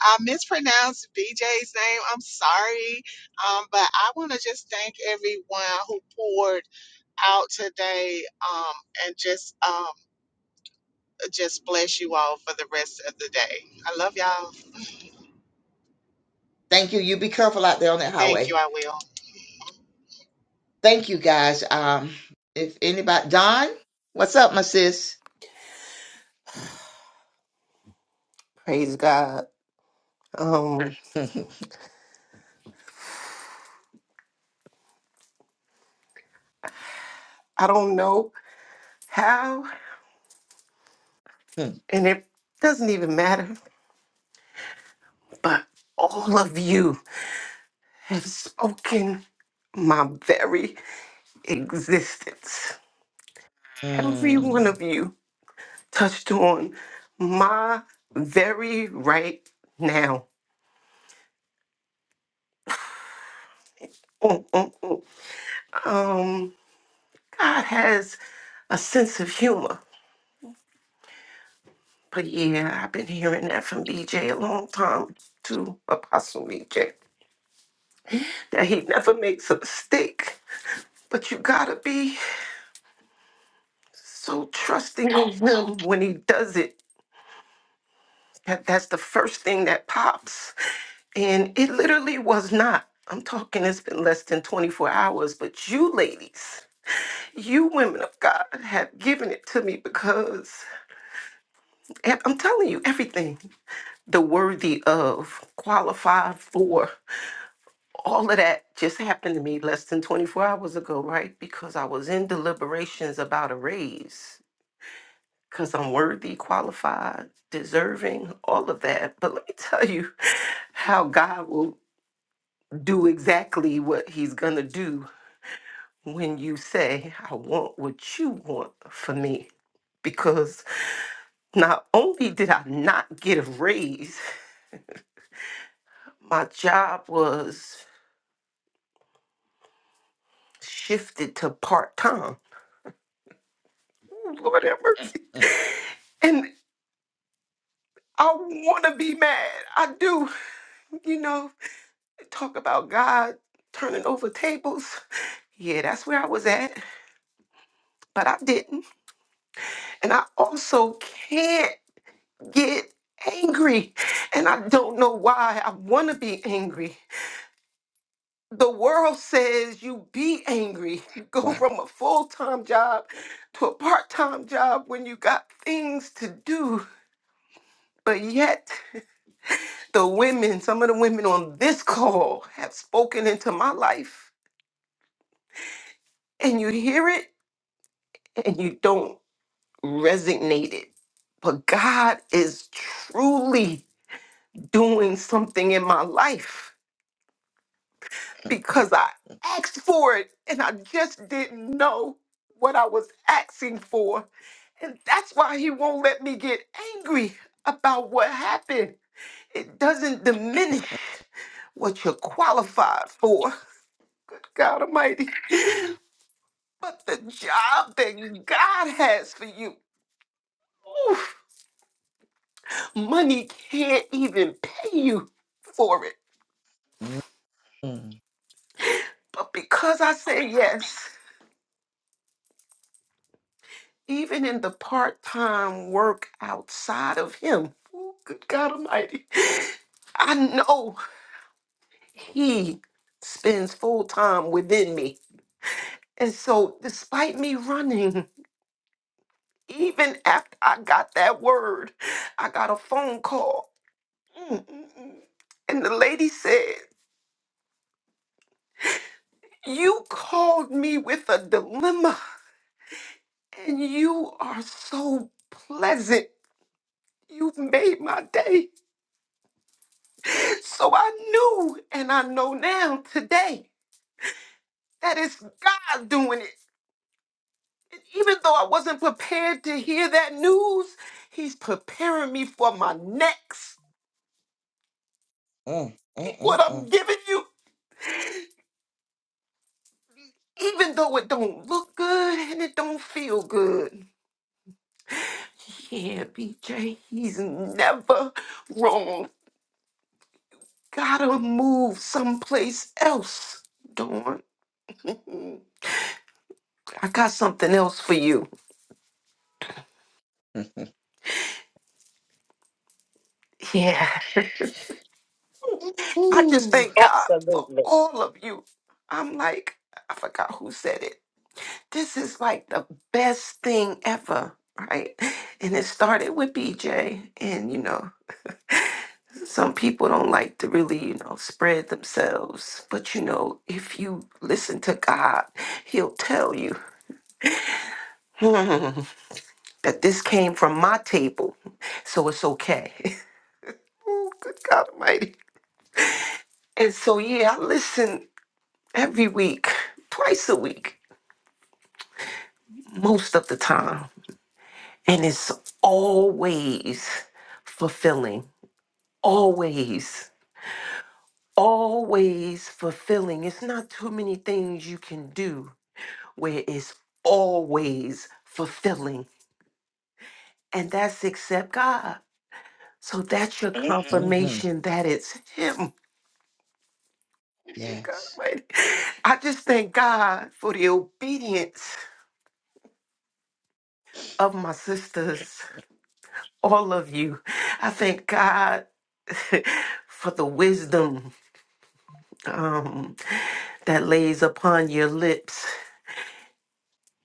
C: I mispronounced BJ's name. I'm sorry. Um, but I want to just thank everyone who poured out today um, and just um, just bless you all for the rest of the day. I love y'all.
A: Thank you. You be careful out there on that
C: Thank you.
A: highway.
C: I will.
A: Thank you guys. Um if anybody Don, what's up, my sis?
I: Praise God. Um, I don't know how,
A: Hmm.
I: and it doesn't even matter, but all of you have spoken my very existence. Every one
A: Mm.
I: of you touched on my very right now. Mm, mm, mm. Um, God has a sense of humor. But yeah, I've been hearing that from BJ a long time too, Apostle BJ. that he never makes a mistake. But you gotta be so trusting in him when he does it. That that's the first thing that pops. And it literally was not. I'm talking it's been less than 24 hours, but you ladies, you women of God have given it to me because and I'm telling you everything. The worthy of, qualified for, all of that just happened to me less than 24 hours ago, right? Because I was in deliberations about a raise because I'm worthy, qualified, deserving, all of that. But let me tell you how God will do exactly what He's going to do when you say, I want what you want for me. Because not only did I not get a raise, my job was shifted to part time. Lord have mercy.
A: Mm,
I: And I want to be mad. I do. You know, talk about God turning over tables. Yeah, that's where I was at, but I didn't. And I also can't get angry. And I don't know why I want to be angry. The world says you be angry. You go from a full time job to a part time job when you got things to do. But yet, the women, some of the women on this call have spoken into my life, and you hear it and you don't resonated. But God is truly doing something in my life because I asked for it and I just didn't know what I was asking for. And that's why He won't let me get angry about what happened. It doesn't diminish what you're qualified for. Good God Almighty. But the job that God has for you, oof, money can't even pay you for it.
A: mm, mm.
I: But because I said yes, even in the part time work outside of Him, ooh, good God Almighty, I know He spends full time within me. And so, despite me running, even after I got that word, I got a phone call. Mm, mm, mm. And the lady said, You called me with a dilemma, and you are so pleasant. You've made my day. So I knew and I know now today that it's God doing it. And even though I wasn't prepared to hear that news, He's preparing me for my next.
A: Mm, mm,
I: What
A: mm,
I: I'm
A: mm.
I: giving you, even though it don't look good and it don't feel good. Yeah, BJ, he's never wrong. Gotta move someplace else, Dawn. I got something else for you. Yeah. I just
A: Ooh.
I: thank God for
G: Absolutely.
I: all of you. I'm like, I forgot who said it. This is like the best thing ever, right? And it started with BJ. And, you know, some people don't like to really, you know, spread themselves. But, you know, if you listen to God, He'll tell you that this came from my table. So it's okay. oh, good God Almighty. And so, yeah, I listen every week, twice a week. most of the time. And it's always fulfilling, always, always fulfilling. It's not too many things you can do where it's always fulfilling. And that's except God. So that's your Mhm.
A: Mhm.
I: confirmation that it's Him. God
A: Yes.
I: Almighty. I just thank God for the obedience of my sisters, all of you. I thank God for the wisdom um, that lays upon your lips.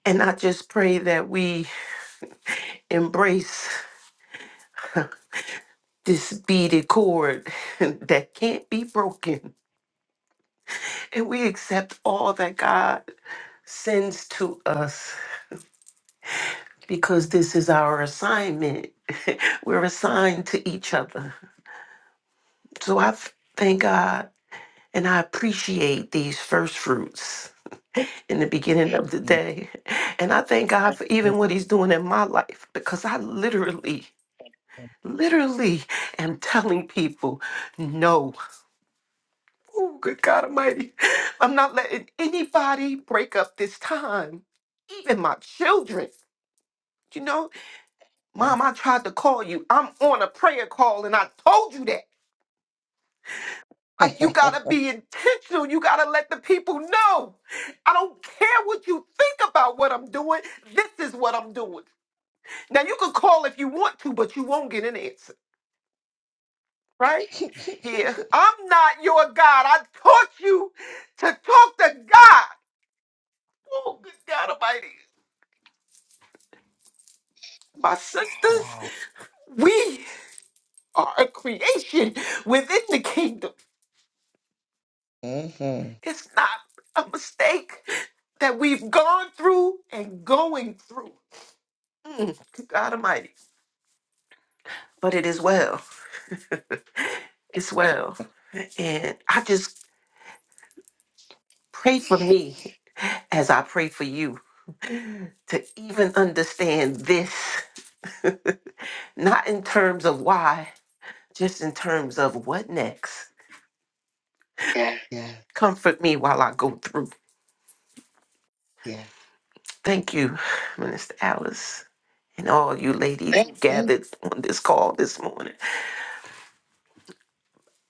I: And I just pray that we embrace this beaded cord that can't be broken. And we accept all that God sends to us because this is our assignment. We're assigned to each other. So I f- thank God and I appreciate these first fruits in the beginning of the
A: Mm,
I: day. And I thank God for
A: mm,
I: even what He's doing in my life because I literally literally am telling people no. Oh, good God Almighty. I'm not letting anybody break up this time, even my children. You know,
A: mm,
I: Mom, I tried to call you. I'm on a prayer call and I told you that. Like, you gotta be intentional. You gotta let the people know. I don't care what you think about what I'm doing. This is what I'm doing. Now, you can call if you want to, but you won't get an answer. right
A: mm.
I: here. I'm not your God. I taught you to talk to God. Oh, good God Almighty. My
A: Wow.
I: sisters, we are a creation within the kingdom.
A: Mhm.
I: It's not a mistake that we've gone through and going through. Mm, good God Almighty. But it is well. It's well. And I just pray for me as I pray for you to even understand this, not in terms of why just in terms of what next. Yeah.
A: Yes,
I: Comfort me while I go through.
A: yes.
I: Thank you, Minister Alice, and all you ladies who Thanks.
A: Thank
I: gathered on this call this morning.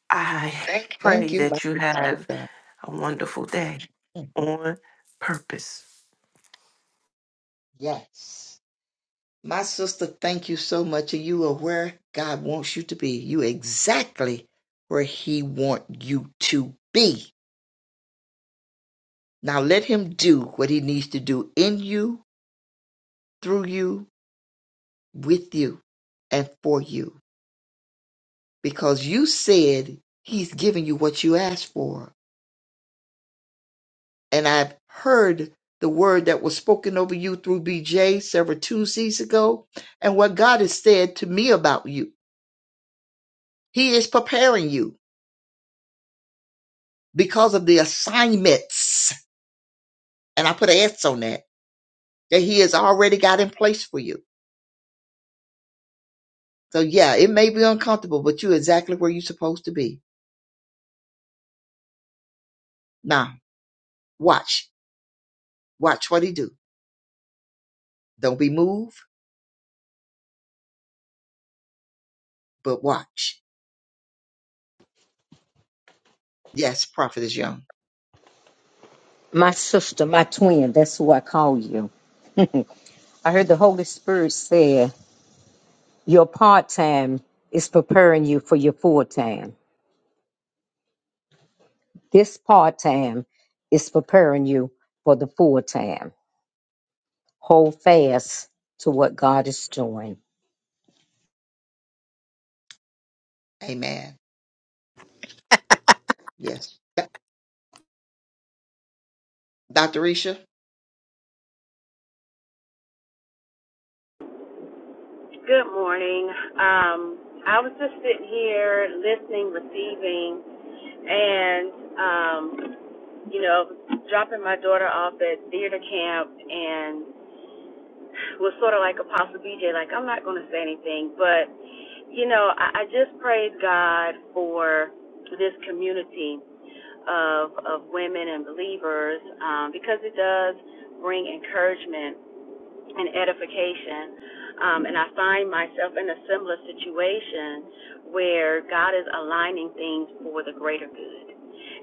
I: I Thank you.
A: thank
I: pray
A: you, my
I: that you have
A: sister.
I: a wonderful day
A: Mm-hmm.
I: on purpose.
A: Yes. My sister, thank you so much. And you are where God wants you to be. You exactly where He want you to be. Now let Him do what He needs to do in you, through you, with you, and for you. Because you said He's giving you what you asked for. And I've heard the word that was spoken over you through BJ several Tuesdays ago, and what God has said to me about you. He is preparing you. because of the assignments, and I put an S on that, that He has already got in place for you. So yeah, it may be uncomfortable, but you're exactly where you're supposed to be. Now, watch. Watch what He do. Don't be moved, but watch. Yes, Prophet is young.
G: My sister, my twin, that's who I call you. I heard the Holy Spirit said your part time is preparing you for your full time. This part time is preparing you for the full time. Hold fast to what God is doing.
A: Amen. Yes. Yeah, Dr. Risha?
J: Good morning. Um, I was just sitting here listening, receiving, and um, you know, dropping my daughter off at theater camp, and was sort of like Apostle BJ, like I'm not going to say anything, but you know, I, I just praise God for this community of of women and believers um, because it does bring encouragement and edification. Um, and I find myself in a similar situation where God is aligning things for the greater good.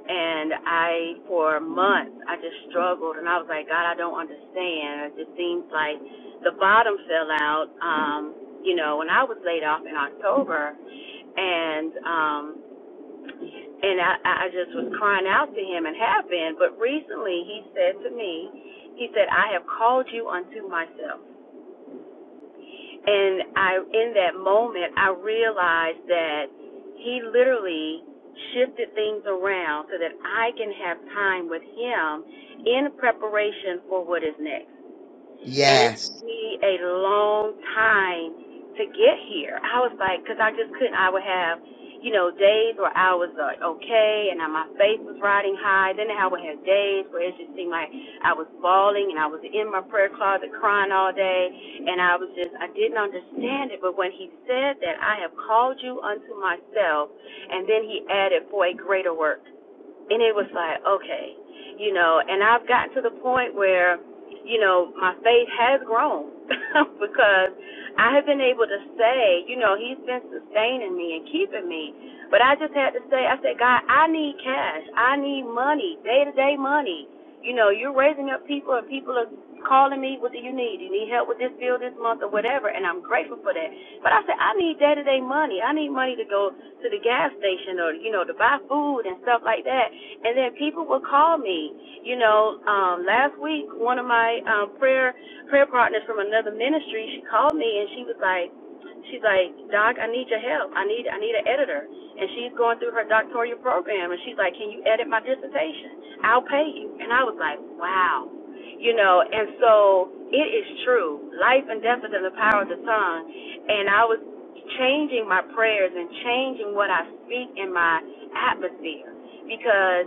J: And I, for months, I just struggled and I was like, God, I don't understand. It just seems like the bottom fell out. Um, you know, when I was laid off in October and, um, and I I just was crying out to him and have been. But recently he said to me, he said, I have called you unto myself. And I, in that moment, I realized that he literally shifted things around so that I can have time with him in preparation for what is next and it
A: Yes.
J: took me a long time to get here. I was like, because I just couldn't. I would have, you know, days where I was like, okay, and my faith was riding high. Then I would have days where it just seemed like I was bawling and I was in my prayer closet crying all day, and I was just, I didn't understand it. But when he said that I have called you unto myself, and then he added for a greater work and it was like okay you know and i've gotten to the point where you know my faith has grown because i have been able to say you know he's been sustaining me and keeping me but i just had to say i said god i need cash i need money day to day money you know you're raising up people and people are calling me what do you need you need help with this bill this month or whatever and i'm grateful for that but i said i need day to day money i need money to go to the gas station or you know to buy food and stuff like that and then people would call me. You know, um, last week one of my um, prayer prayer partners from another ministry, she called me and she was like, she's like, Doc, I need your help. I need I need an editor, and she's going through her doctoral program, and she's like, Can you edit my dissertation? I'll pay you. And I was like, Wow, you know. And so it is true. Life and death is in the power of the tongue, and I was changing my prayers and changing what I speak in my atmosphere because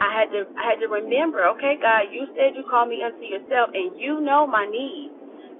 J: I had to I had to remember, okay, God, you said you called me unto yourself and you know my needs.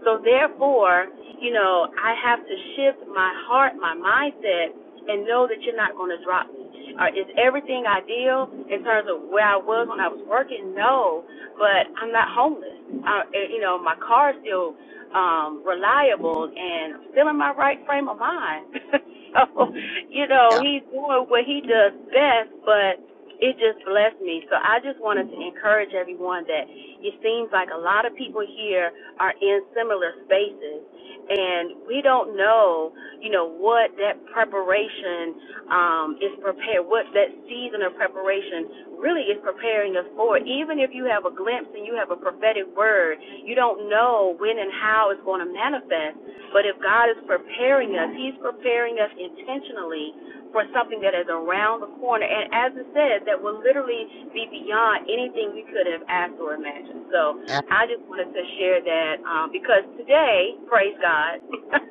J: So therefore, you know, I have to shift my heart, my mindset and know that you're not going to drop me. Or is everything ideal in terms of where I was when I was working? No, but I'm not homeless. I, eh, you know, my car's still um reliable and I'm still in my right frame of mind. so, you know,
A: Yeah.
J: he's doing what he does best, but it just blessed me. So I just wanted to encourage everyone that it seems like a lot of people here are in similar spaces and we don't know, you know, what that preparation um is prepared what that season of preparation really is preparing us for. Even if you have a glimpse and you have a prophetic word, you don't know when and how it's going to manifest. But if God is preparing us, He's preparing us intentionally for something that is around the corner. And as it says, that will literally be beyond anything we could have asked or imagined. So
A: I
J: I just wanted to share that um, because today, praise God,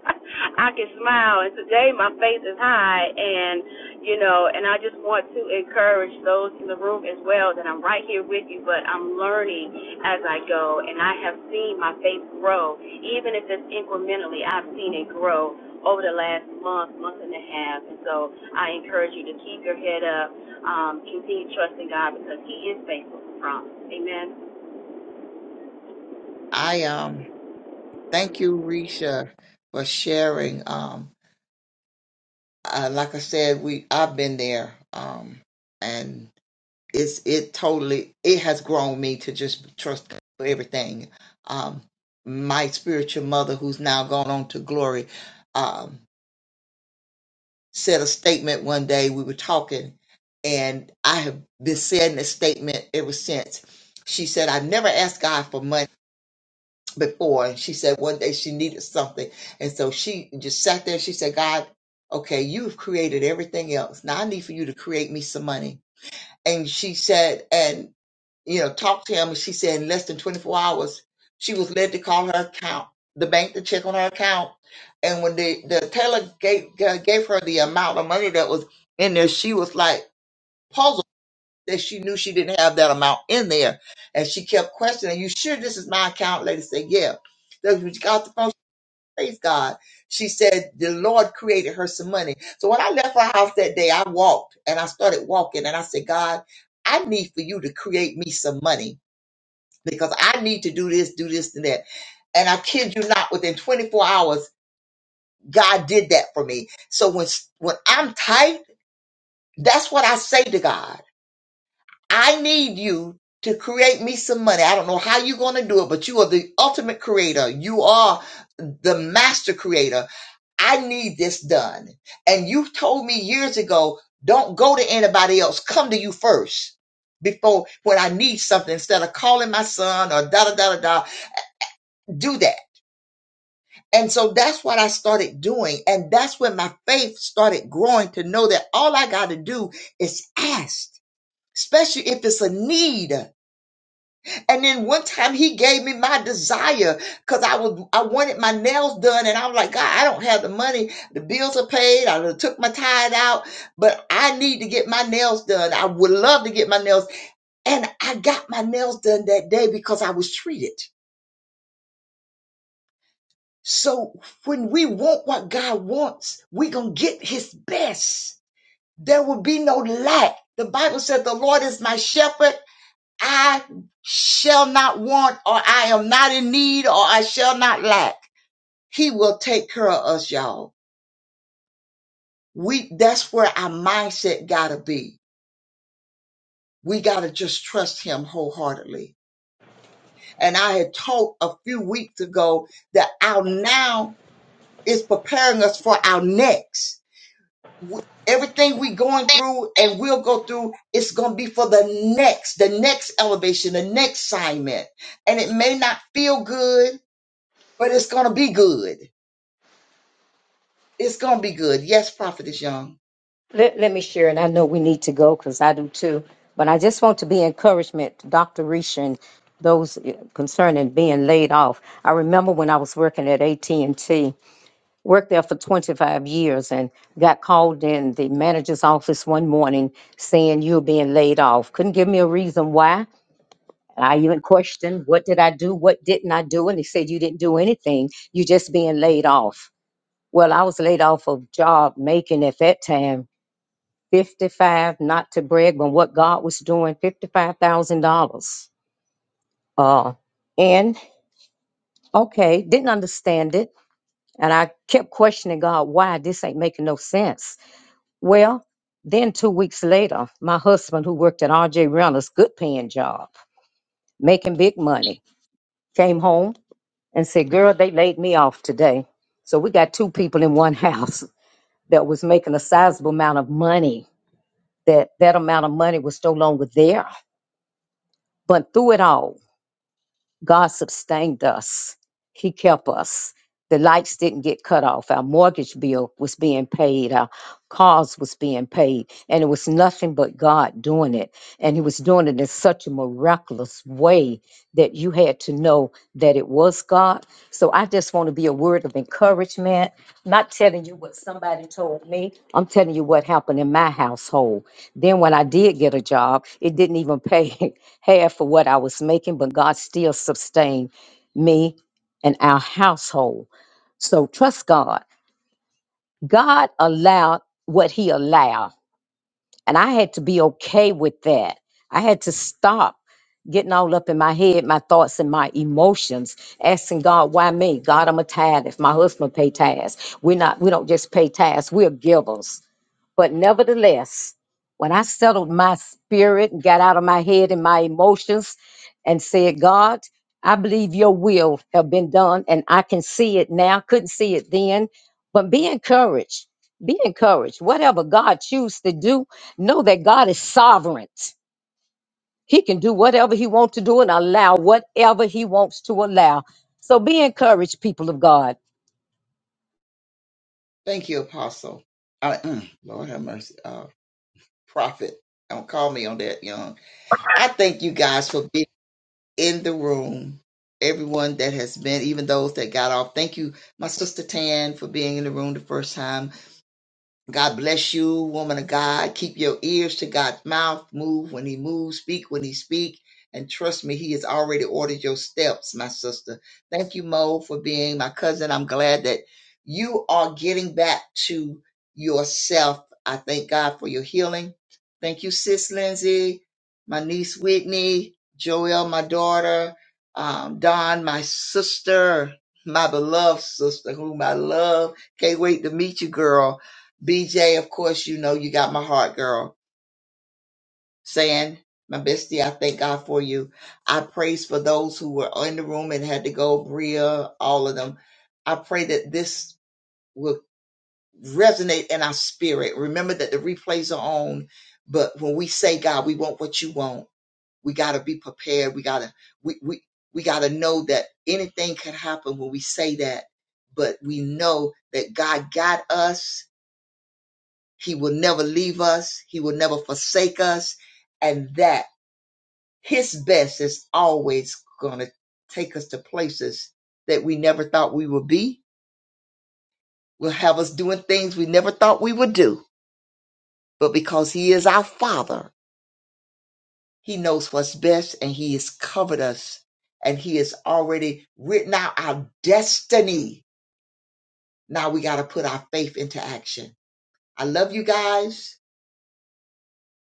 J: I can smile, and today my face is high, and you know, and I just want to encourage those in the room as well that I'm right here with you, but I'm learning as I go, and I have seen my faith grow, even if it's incrementally. I've seen it grow over the last month, month and a half, and so I encourage you to keep your head up, um, continue trusting God because He is faithful to promise. Amen.
A: I, um thank you, Risha, for sharing. Um uh, like I said, we I've been there. Um and it's it totally it has grown me to just trust God for everything. Um, my spiritual mother, who's now gone on to glory, um, said a statement one day. We were talking, and I have been saying this statement ever since. She said, "I've never asked God for money." before and she said one day she needed something and so she just sat there she said god okay you've created everything else now i need for you to create me some money and she said, and you know, talked to him, and she said in less than 24 hours, she was led to call her account, the bank to check on her account. And when the, the teller gave, gave her the amount of money that was in there, she was like puzzled that she knew she didn't have that amount in there. And she kept questioning, you sure this is my account? Lady said, yeah. Then when she got off the phone praise God. She said the Lord created her some money. So when I left her house that day, I walked and I started walking and I said, God, I need for you to create me some money because I need to do this, do this, and that. And I kid you not, within 24 hours, God did that for me. So when when I'm tight, that's what I say to God. I need you to create me some money. I don't know how you're going to do it, but you are the ultimate creator. You are the master creator. I need this done. And you told me years ago, don't go to anybody else. Come to you first before when I need something instead of calling my son or da da da da da. Do that. And so that's what I started doing. And that's when my faith started growing to know that all I got to do is ask, especially if it's a need. And then one time he gave me my desire because I was I wanted my nails done, and I was like, God, I don't have the money. The bills are paid. I done took my tithe out, but I need to get my nails done. I would love to get my nails, and I got my nails done that day because I was treated. So when we want what God wants, we gonna get His best. There will be no lack. The Bible said, "The Lord is my shepherd; I shall not want, or I am not in need, or I shall not lack. He will take care of us, y'all. We that's where our mindset gotta be. We gotta just trust him wholeheartedly. And I had taught a few weeks ago that our now is preparing us for our next. W- Everything we going through and we'll go through, it's gonna be for the next, the next elevation, the next assignment. And it may not feel good but it's gonna be good. It's gonna be good. Yes, Prophetess Young.
G: Let, let me share, and I know we need to go because I do too, but I just want to be encouragement to Dr. Risha and those eh, concerning being laid off. I remember when I was working at AT&T, worked there for 25 years and got called in the manager's office one morning saying you're being laid off. Couldn't give me a reason why. And I even questioned, what did I do? What didn't I do? And they said, you didn't do anything. You're just being laid off. Well, I was laid off of job making at that time, 55, not to brag, but what God was doing, $55,000. Uh, and okay, didn't understand it. And I kept questioning God, why this ain't making no sense Well, then two weeks later, my husband, who worked at RJ Reynolds, good paying job, making big money, came home and said, Girl, they laid me off today. So we got two people in one house that was making a sizable amount of money. That that amount of money was no longer there. But through it all, God sustained us. He kept us. The lights didn't get cut off. Our mortgage bill was being paid. Our cars was being paid. And it was nothing but God doing it. And he was doing it in such a miraculous way that you had to know that it was God. So I just want to be a word of encouragement. I'm not telling you what somebody told me. I'm telling you what happened in my household. Then when I did get a job, it didn't even pay. Half for what I was making, but God still sustained me and our household. So trust God. God allowed what He allowed, and I had to be okay with that. I had to stop getting all up in my head, my thoughts and my emotions, asking God, why me? God, I'm a tithe. If my husband pay tithes, we're not, we don't just pay tithes, we're givers. But nevertheless, when I settled my spirit and got out of my head and my emotions and said, God, I believe your will have been done and I can see it now. Couldn't see it then. But be encouraged. Be encouraged. Whatever God chooses to do, know that God is sovereign. He can do whatever he wants to do and allow whatever he wants to allow. So be encouraged, people of God.
A: Thank you, Apostle. I, mm, Lord have mercy. Uh, prophet, don't call me on that, Young. I thank you guys for being in the room. Everyone that has been, even those that got off. Thank you, my sister Tan, for being in the room the first time. God bless you, woman of God. Keep your ears to God's mouth. Move when he moves, speak when he speak. And trust me, he has already ordered your steps, my sister. Thank you, Mo, for being my cousin. I'm glad that you are getting back to yourself. I thank God for your healing. Thank you, sis Lindsay, my niece Whitney, Joelle, my daughter, um, Don, my sister, my beloved sister, whom I love. Can't wait to meet you, girl. BJ, of course, you know you got my heart, girl. Saying, my bestie, I thank God for you. I praise for those who were in the room and had to go, Bria, all of them. I pray that this will resonate in our spirit. Remember that the replays are on, but when we say, God, we want what you want, we gotta be prepared. We gotta we we we gotta know that anything could happen when we say that, but we know that God got us He will never leave us. He will never forsake us. And that his best is always going to take us to places that we never thought we would be, will have us doing things we never thought we would do. But because he is our father, he knows what's best and he has covered us and he has already written out our destiny. Now we got to put our faith into action. I love you guys.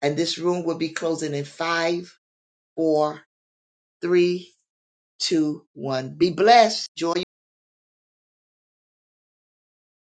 A: And this room will be closing in five, four, three, two, one. Be blessed. Joy.